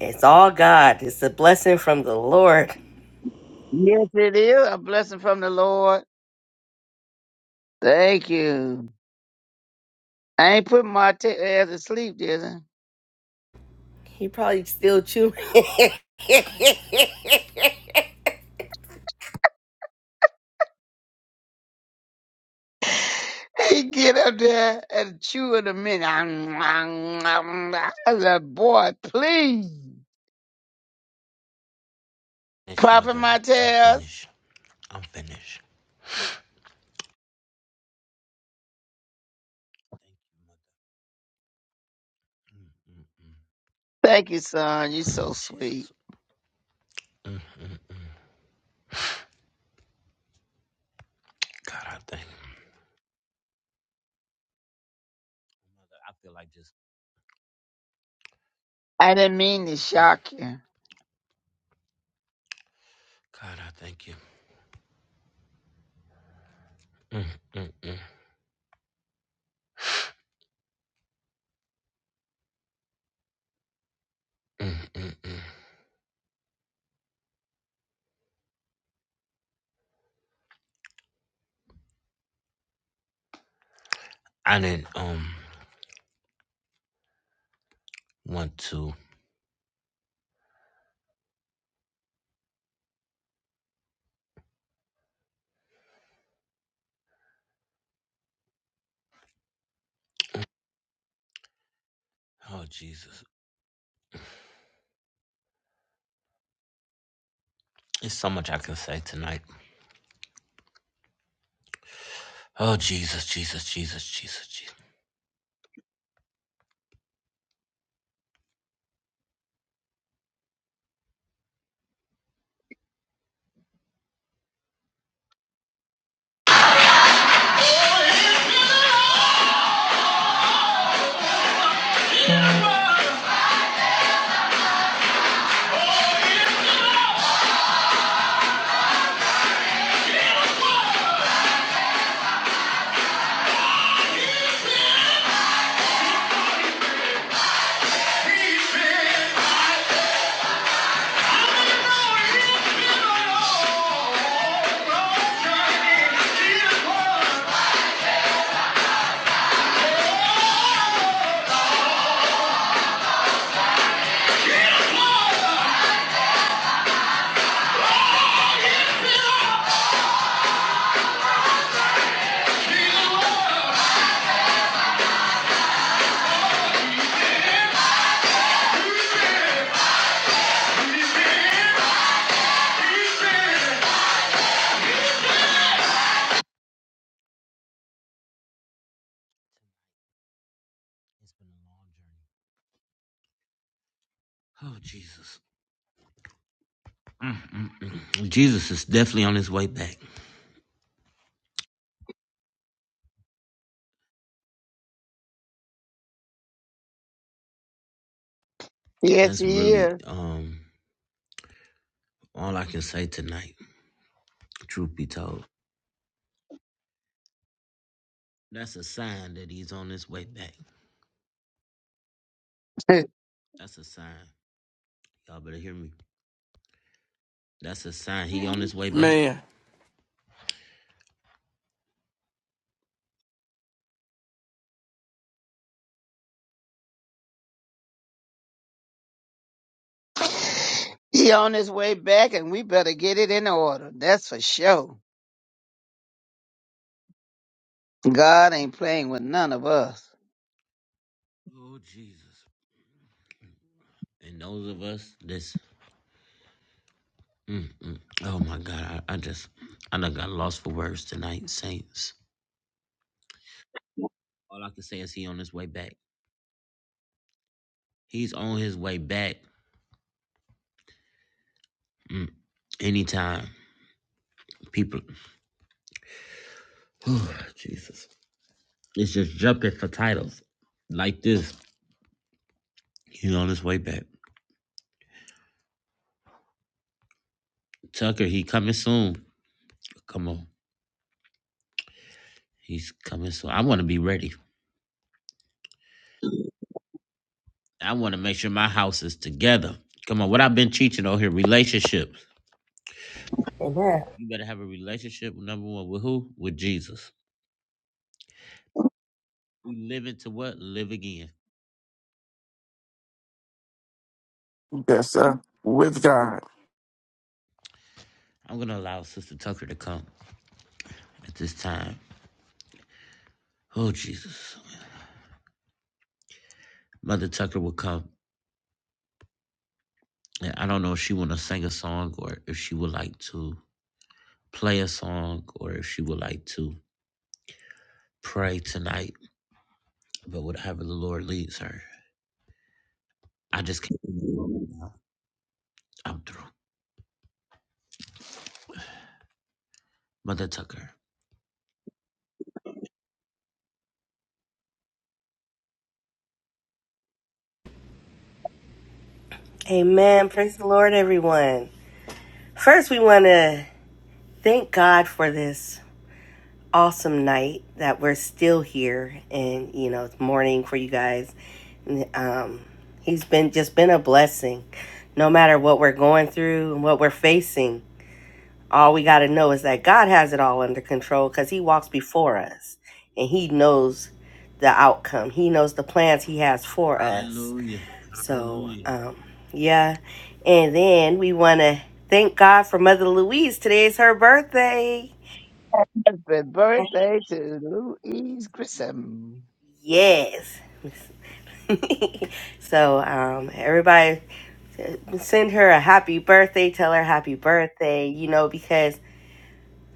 S4: It's all God. It's a blessing from the Lord.
S5: Yes, it is. A blessing from the Lord. Thank you. I ain't put my t- ass to sleep, did I?
S4: He probably still chewing. (laughs)
S5: (laughs) He get up there and chew in a minute. (clicks tongue) I said, boy, please.
S3: Finish,
S5: Prophet
S3: mother. I'm
S5: Martez.
S3: finished. I'm finished.
S5: Thank you, son. You're so sweet.
S3: Jesus. God, I think I feel like just
S5: I didn't mean to shock you.
S3: I didn't um want to. Oh Jesus. Oh Jesus. Mm, mm, mm. Jesus is definitely on his way back.
S5: Yes,
S3: That's
S5: he
S3: really
S5: is.
S3: um all I can say tonight. Truth be told, that's a sign that he's on his way back. That's a sign. Y'all better hear me. That's a sign he on his way back.
S6: Man,
S5: (laughs) he on his way back, and we better get it in order. That's for sure. God ain't playing with none of us.
S3: Oh Jesus. And those of us that's mm, mm. oh my God, I, I just I done got lost for words tonight, saints. All I can say is he on his way back. He's on his way back mm, anytime. People, (sighs) oh, Jesus, it's just jumping for titles like this. He's on his way back. Tucker, he coming soon. Come on, he's coming soon. I want to be ready. I want to make sure my house is together. Come on, what I've been teaching on here, relationships.
S4: Amen.
S3: You better have a relationship. Number one, with who? With Jesus. We live into what? Live again.
S6: that's uh, with God.
S3: I'm gonna allow Sister Tucker to come at this time. Oh Jesus, Mother Tucker will come. And I don't know if she want to sing a song or if she would like to play a song or if she would like to pray tonight, but whatever the Lord leads her. I just can't. I'm through. Mother Tucker.
S4: Amen. Praise the Lord, everyone. First, we want to thank God for this awesome night that we're still here and you know it's morning for you guys um he's been just been a blessing no matter what we're going through and what we're facing all we got to know is that god has it all under control because he walks before us and he knows the outcome he knows the plans he has for us
S3: Hallelujah.
S4: so
S3: Hallelujah.
S4: um yeah and then we want to thank god for mother louise today is her birthday
S5: Happy
S4: (laughs)
S5: birthday to Louise Grissom.
S4: Yes. (laughs) so um, everybody uh, send her a happy birthday tell her happy birthday you know because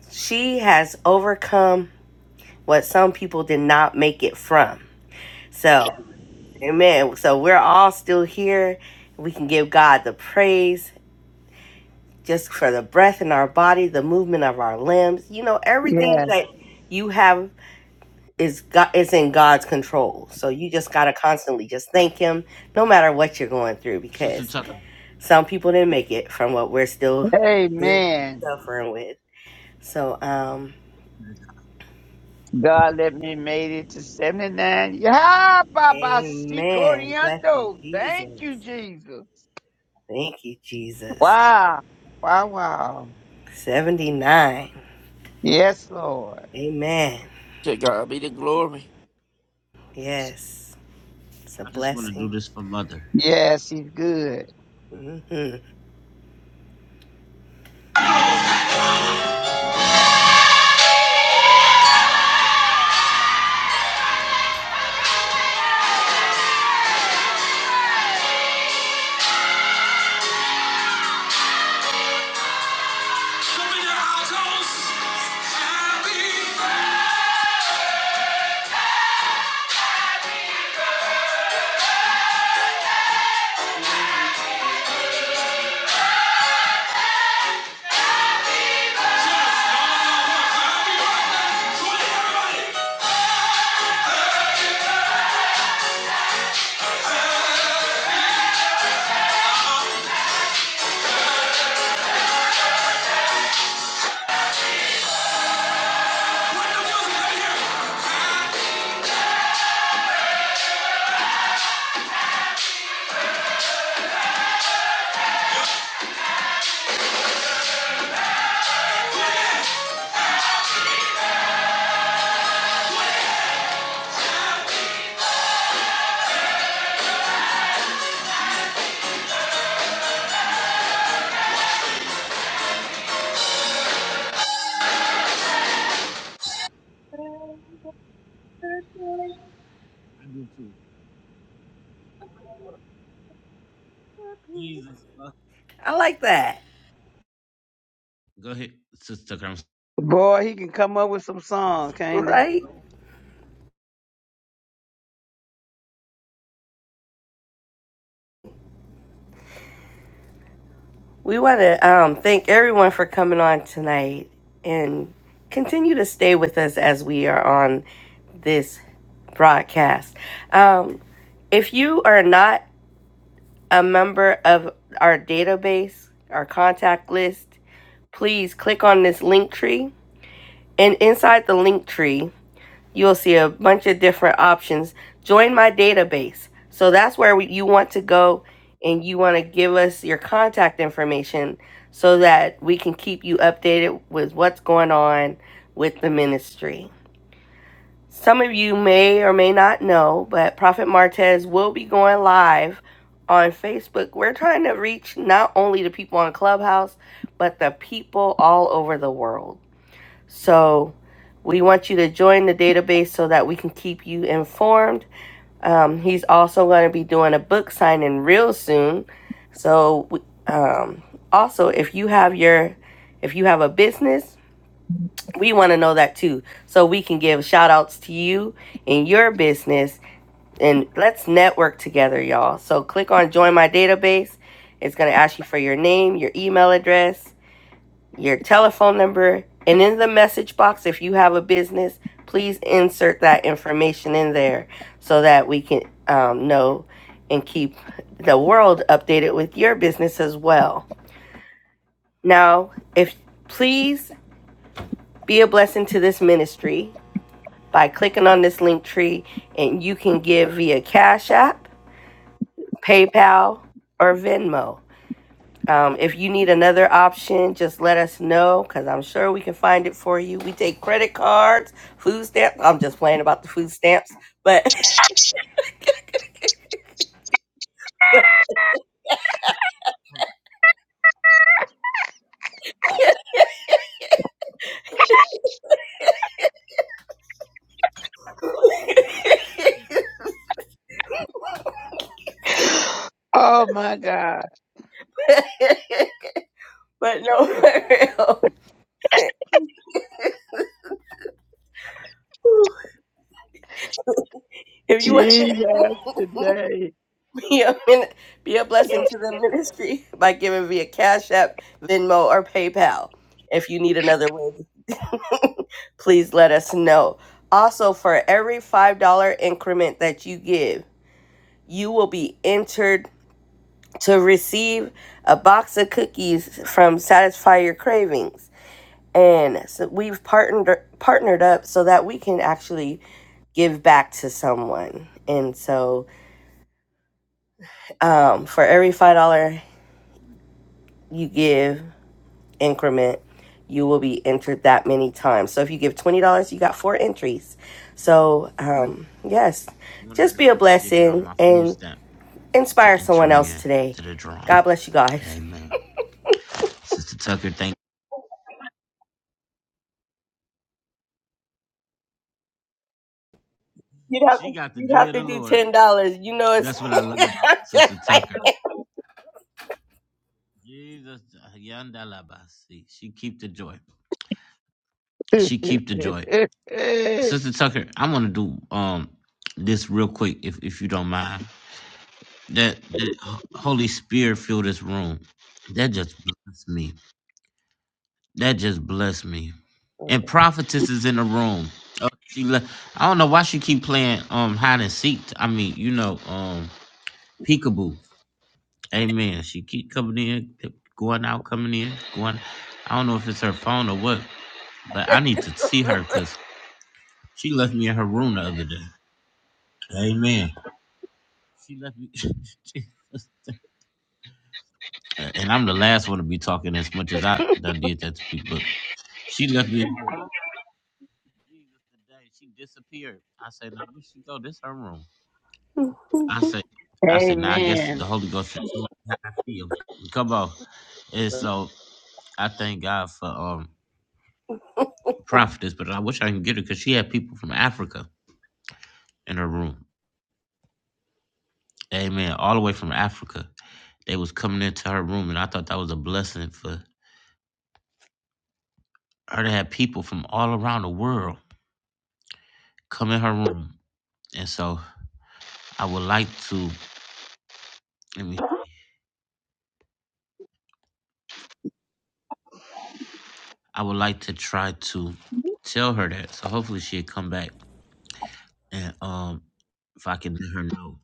S4: she has overcome what some people did not make it from so amen so we're all still here we can give god the praise just for the breath in our body the movement of our limbs you know everything
S5: Yes.
S4: that you have is god is in god's control so you just got to constantly just thank him no matter what you're going through
S3: Sister
S4: because
S3: Tucker,
S4: Some people didn't make it from what we're still
S5: Amen.
S4: suffering with. So, um,
S5: God let me made it to 79. Yeah, Baba
S4: amen. Bless you,
S5: Sikoriando. Thank you,
S4: Jesus.
S5: Jesus.
S4: Thank you, Jesus.
S5: Wow. Wow, wow.
S4: 79.
S5: Yes, Lord.
S4: Amen.
S6: To God be the glory.
S4: Yes. It's a
S3: I just want to do
S4: blessing.
S3: this for Mother.
S5: Yes, he's good.
S4: hmm
S3: Open your altos. Happy birthday.
S4: I like that,
S3: Go ahead, Sister Tucker. I'm
S5: Boy, he can come up with some songs, can't he? (sighs)
S4: right? We want to um, thank everyone for coming on tonight and continue to stay with us as we are on this broadcast. Um, if you are not a member of our database, our contact list, please click on this link tree. And inside the link tree, you'll see a bunch of different options. Join my database. So that's where we, you want to go and you want to give us your contact information so that we can keep you updated with what's going on with the ministry. Some of you may or may not know, but Prophet Martez will be going live on Facebook. We're trying to reach not only the people on Clubhouse, but the people all over the world. So we want you to join the database so that we can keep you informed. Um, he's also going to be doing a book signing real soon. So um, also, if you have your, if you have a business we want to know that too so we can give shout outs to you in your business and let's network together y'all so click on join my database it's going to ask you for your name your email address your telephone number and in the message box if you have a business please insert that information in there so that we can um, know and keep the world updated with your business as well now if please be a blessing to this ministry by clicking on this link tree, and you can give via Cash App, PayPal, or Venmo. Um, if you need another option, just let us know because I'm sure we can find it for you. We take credit cards, food stamps. I'm just playing about the food stamps, but but, (laughs)
S5: Oh my God.
S4: but no, for real. if you want.
S5: Jesus
S4: to, (laughs)
S5: today.
S4: (laughs) Be a, min- be a blessing to the ministry (laughs) by giving via Cash App, Venmo, or PayPal. If you need another way, (laughs) please let us know. Also, for every $5 increment that you give, you will be entered to receive a box of cookies from Satisfy Your Cravings. And so we've partnered partnered up so that we can actually give back to someone. And so um, for every $5 you give, increment, you will be entered that many times. So if you give $20, you got four entries. So, um, yes,
S3: wondering
S4: just
S3: if
S4: be a
S3: I can give it on
S4: blessing
S3: my food
S4: and
S3: stamp to
S4: inspire
S3: enter
S4: someone else
S3: in
S4: today.
S3: to the drawing.
S4: God bless you guys.
S3: Amen. Sister Tucker, thank
S4: You'd have,
S3: she
S4: to,
S3: got the
S4: you'd
S3: joy
S4: have
S3: of
S4: to
S3: the
S4: do
S3: Lord.
S4: $10. You know, it's
S3: That's what I love
S4: (laughs) I'm
S3: about
S4: just
S3: Sister
S4: like,
S3: Tucker. Jesus, yandalabasi. she keep the joy. She keep
S5: (laughs)
S3: the joy. Sister Tucker, I'm gonna do um this real quick, if if you don't mind. That, that Holy Spirit fill this room. That just blessed me. That just blessed me. And prophetess is in the room. Oh, she left. I don't know why she keep playing um hide and seek. I mean, you know, um peekaboo. Amen. She keep coming in, going out, coming in, going. I don't know if it's her phone or what, but I need to see her because she left me in her room the other day. Amen. She left me. (laughs) she- and I'm the last one to be talking as much as I done did that to people. She left me. in her room. Jesus, today She disappeared. I said, "Now where she go? This her room."
S4: (laughs)
S3: I said, "I said, now I guess the
S5: Amen.
S3: Holy Ghost should come on." And so I thank God for um prophetess, but I wish I can get her because she had people from Africa in her room. Amen. All the way from Africa. They was coming into her room and I thought that was a blessing for her to have people from all around the world come in her room. And so I would like to let me I would like to try to tell her that. So hopefully she'll come back and um if I can let her know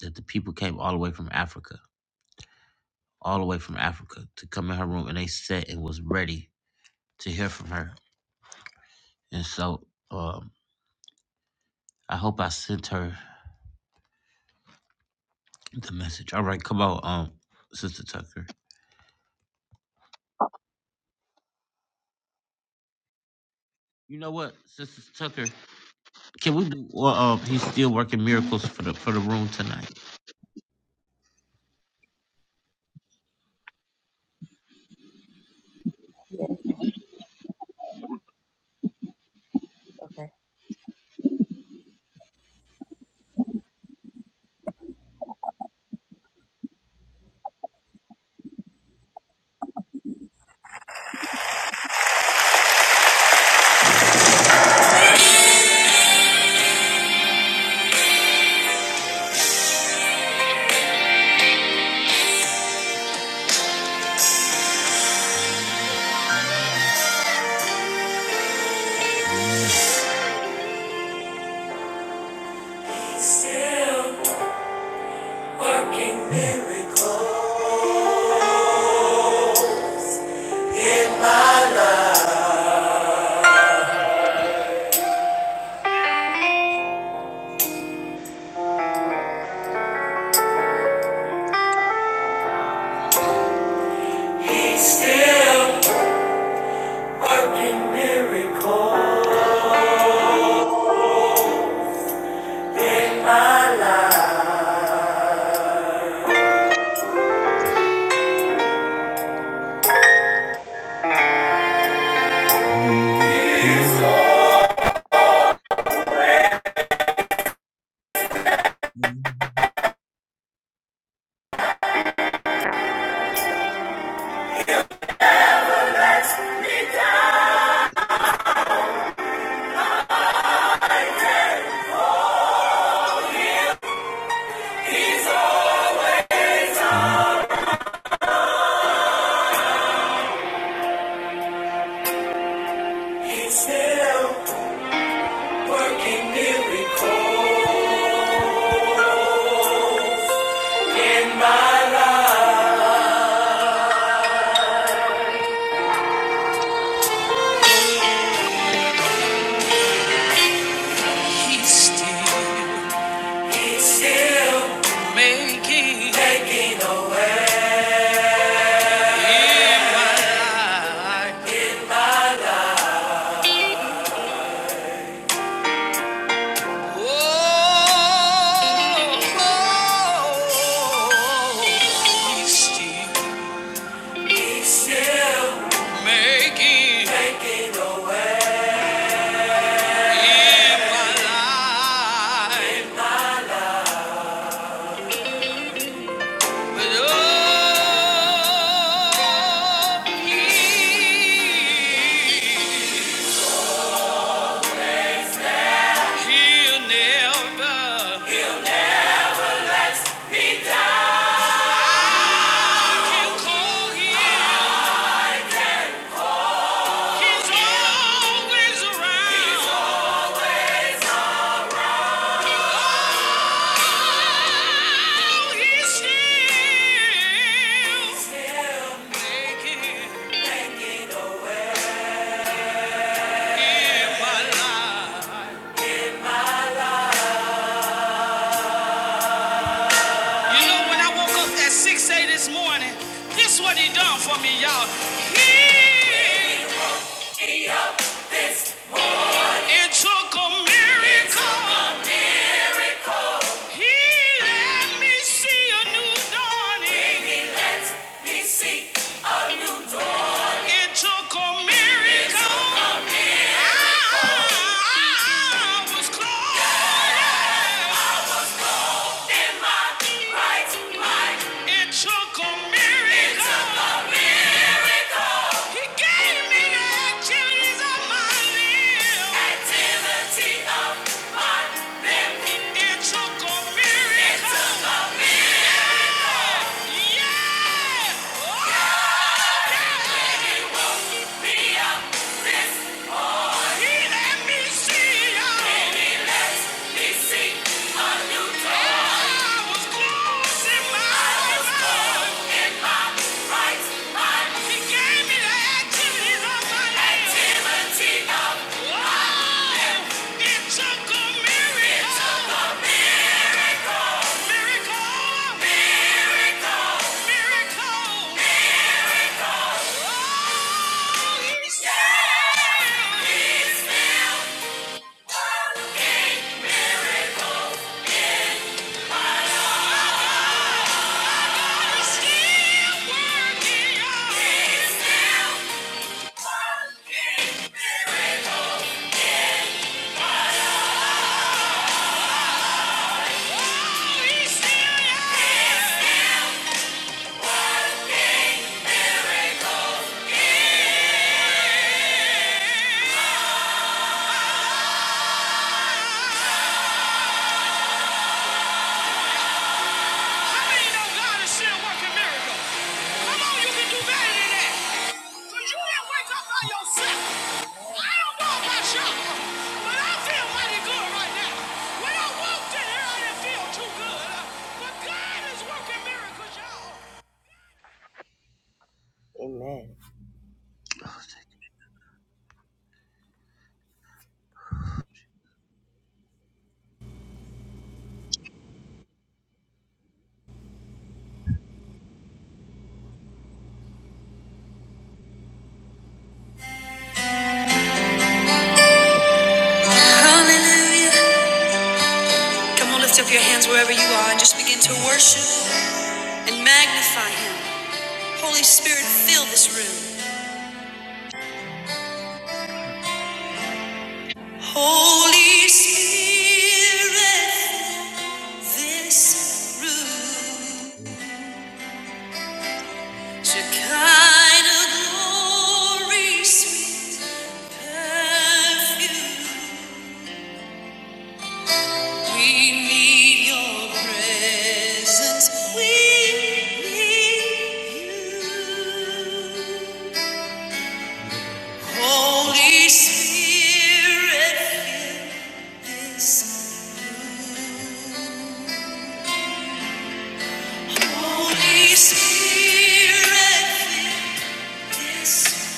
S3: that the people came all the way from Africa, all the way from Africa to come in her room and they sat and was ready to hear from her. And so um, I hope I sent her the message. All right, come on, um, Sister Tucker. You know what, Sister Tucker? Can we? do? Well, um, he's still working miracles for the for the room tonight.
S4: yeah, okay. Still working miracles. He's still working miracles. He's still, he's still making, making a way in my life. He's always around. You know, when I woke up at 6 a.m. this morning, this what he done for me, y'all. He he, he up this. it took a miracle. Took a He let me see a new dawning. It took a miracle. I was clothed in my right mind. It took a miracle. He gave me the activities of my limbs. Activity of my limbs. It took a miracle. Yeah. Oh, he let me see. you Let me see. I was clothed in my right He gave me the activities of my limbs. Activity of Wow! It took a miracle. Miracle. Miracle. Miracle. Oh, he's still- He's still working miracles. Oh, he's still working, y'all. He's still working Amen. Hallelujah. Come on, lift up your hands wherever you are and just begin to worship and magnify Him. Holy Spirit, fill this room. Holy Spirit, fill this room. Shekinah glory, sweet perfume. We need your presence. We need you. Holy Spirit, fill this. Holy Spirit, fill this.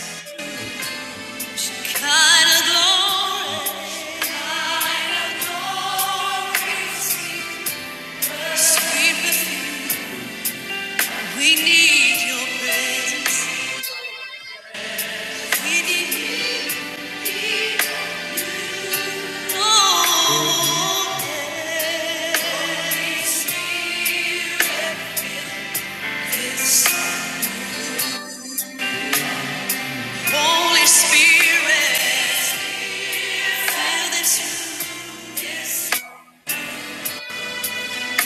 S4: Kind of glory, sweet perfume. We need your presence. We need your Holy Spirit, fill this.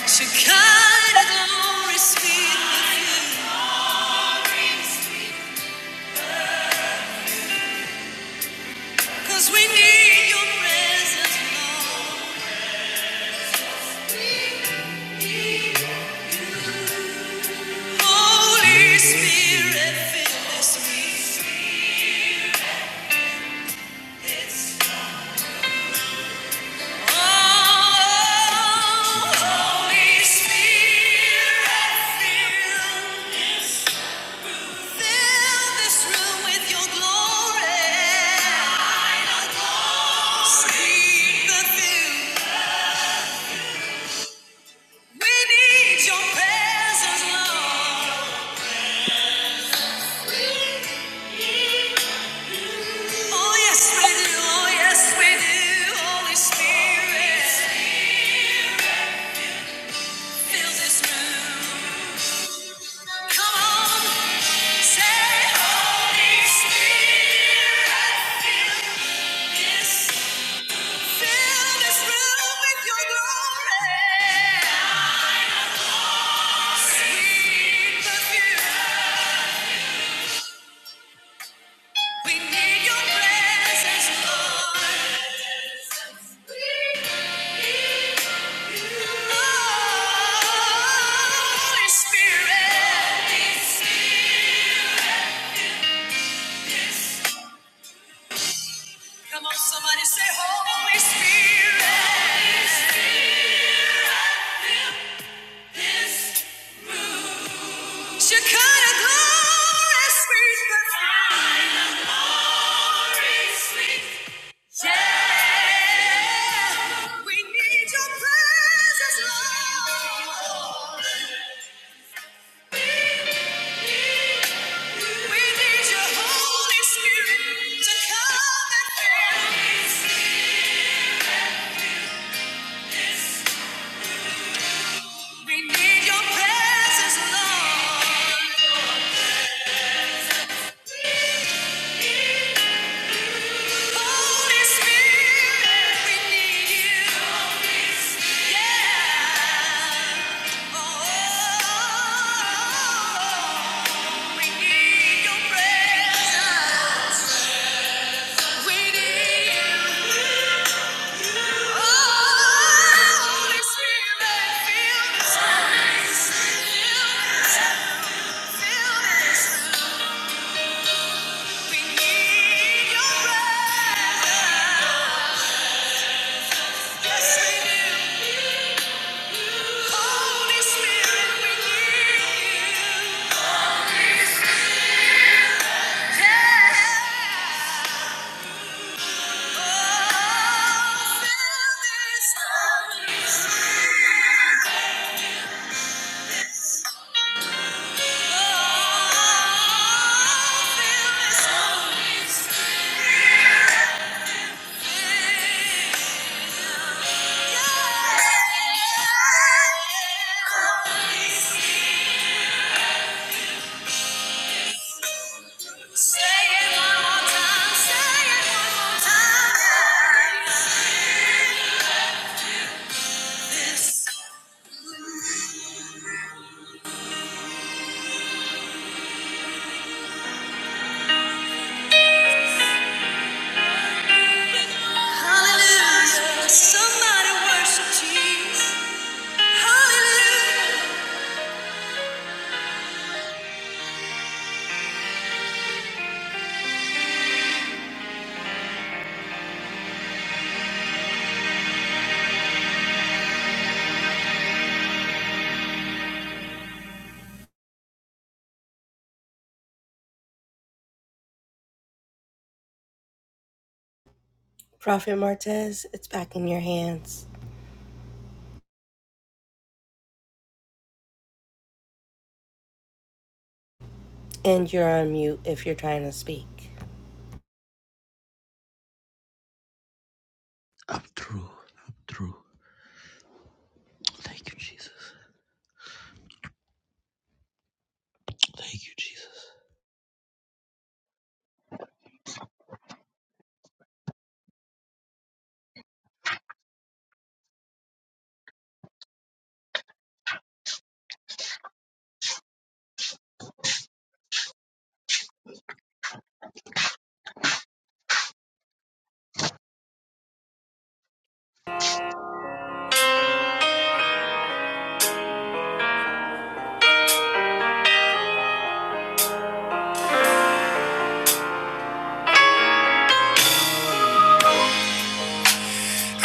S4: Shekinah glory speak with you. 'Cause we need your presence, Lord. Holy Spirit, fill this meeting. Oh, Holy Spirit, fill. Fill this room with your glory. Speak the thing. We need your presence, Lord. Oh, yes, we do. Oh, yes, we do. Holy Spirit, fill this room. Come on, say, Holy Spirit, fill this Fill this room with your glory. Sweet perfume. We need your presence, Lord. We need you. Holy Spirit. Come on, somebody say, Holy Spirit. Shekinah glory, sweet perfume. Glory, sweet yeah, we need your presence, Lord. We need your Holy Spirit to come and fill us. We need your presence, Lord. Holy Spirit, we need you. Yeah. Oh, we need your presence. Yeah. Prophet Martez, it's back in your hands. And you're on mute if you're trying to speak.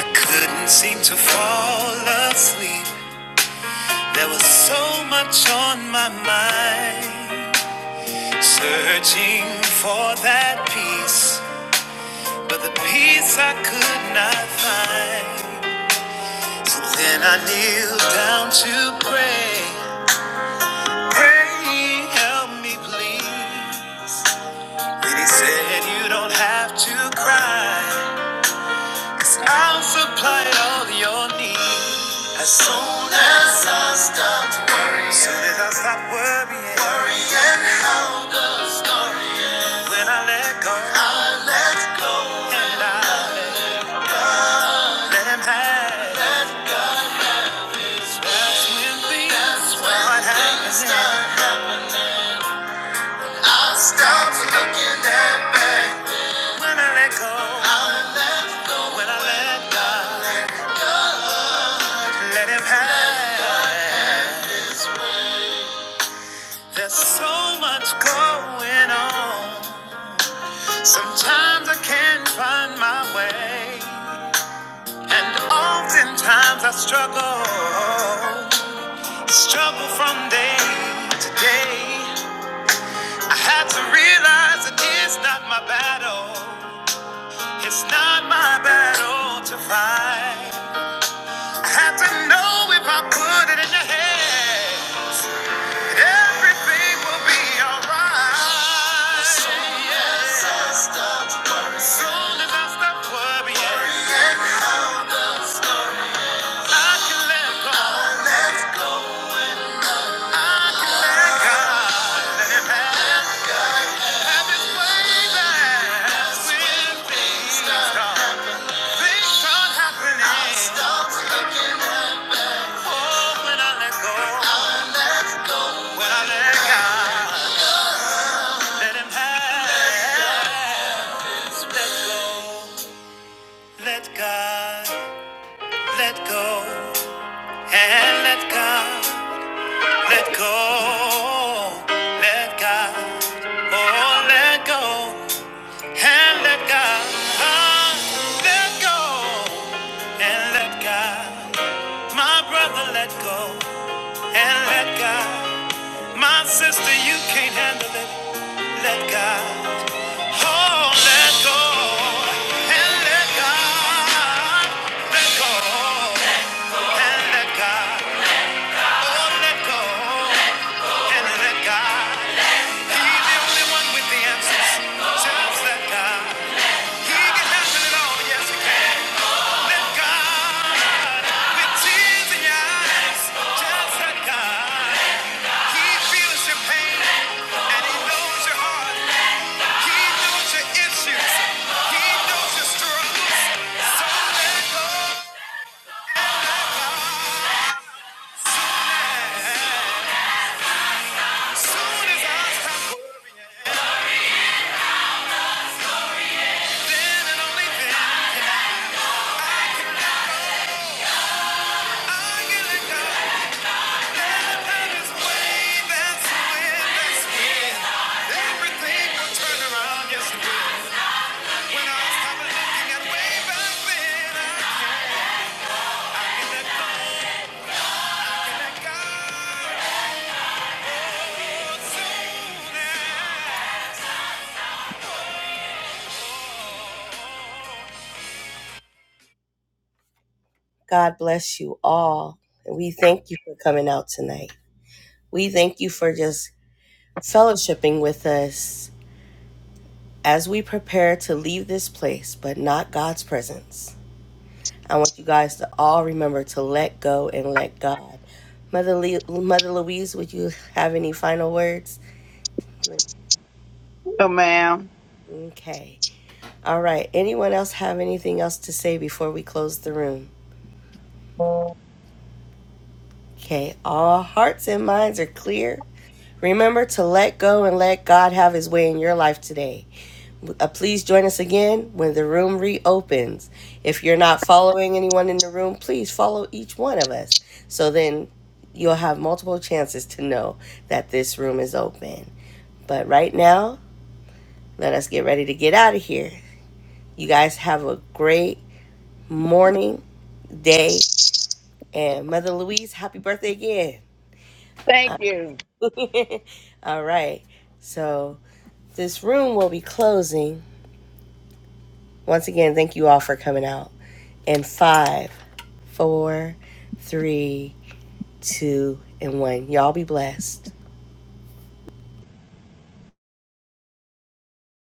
S4: Couldn't seem to fall asleep. There was so much on my mind. Searching for that peace, but the peace I could not find. So then I kneeled down to pray. Pray, help me, please. Then he said, You don't have to cry. 'Cause I'll supply all your needs. As soon as I stop worrying. As Soon as I stop worrying. Worrying how the When I let go. I let go. And I let him have. That's when things. That's when start things happening. start. I stop looking that back. When I let go. I let go. When I let go. Let him have. There's so much going on. Sometimes I can't find my way, and oftentimes I struggle. Struggle from day to day. I had to realize it is not my battle. It's not my battle to fight. I had to know if I put it in your hands. Everything will be alright. Soon as I stop worrying. Soon as I stop worrying. Worrying all the I can let go. let go. I let go. Let it when things start happening. I stop looking Oh, when I Let go. Let God let go and let God let go. Let God oh let go and let God ah, let go and let God my brother let go and let God my sister you can't handle it let God oh let go and let God let go. and let God, oh, let go and let God. He's the only one with the answers. Just let God. He can handle it all. Yes, he can. Let God. With tears in your eyes, just let God. He feels your pain and he knows your heart. He knows your issues. He knows your struggles. Soon as I stop worrying, then and only then can I. God bless you all. And we thank you for coming out tonight. We thank you for just fellowshipping with us as we prepare to leave this place, but not God's presence. I want you guys to all remember to let go and let God. Mother, Le- Mother Louise, would you have any final words?
S5: So, ma'am.
S4: Okay. All right. Anyone else have anything else to say before we close the room? Okay. All hearts and minds are clear. Remember to let go and let God have his way in your life today. Uh, please join us again when the room reopens. If you're not following anyone in the room, please follow each one of us. So then you'll have multiple chances to know that this room is open. But right now, let us get ready to get out of here. You guys have a great morning, day, and Mother Louise, happy birthday again.
S5: Thank you.
S4: (laughs) all right. So this room will be closing. Once again, thank you all for coming out. And five. four, three, two, and one. Y'all be blessed.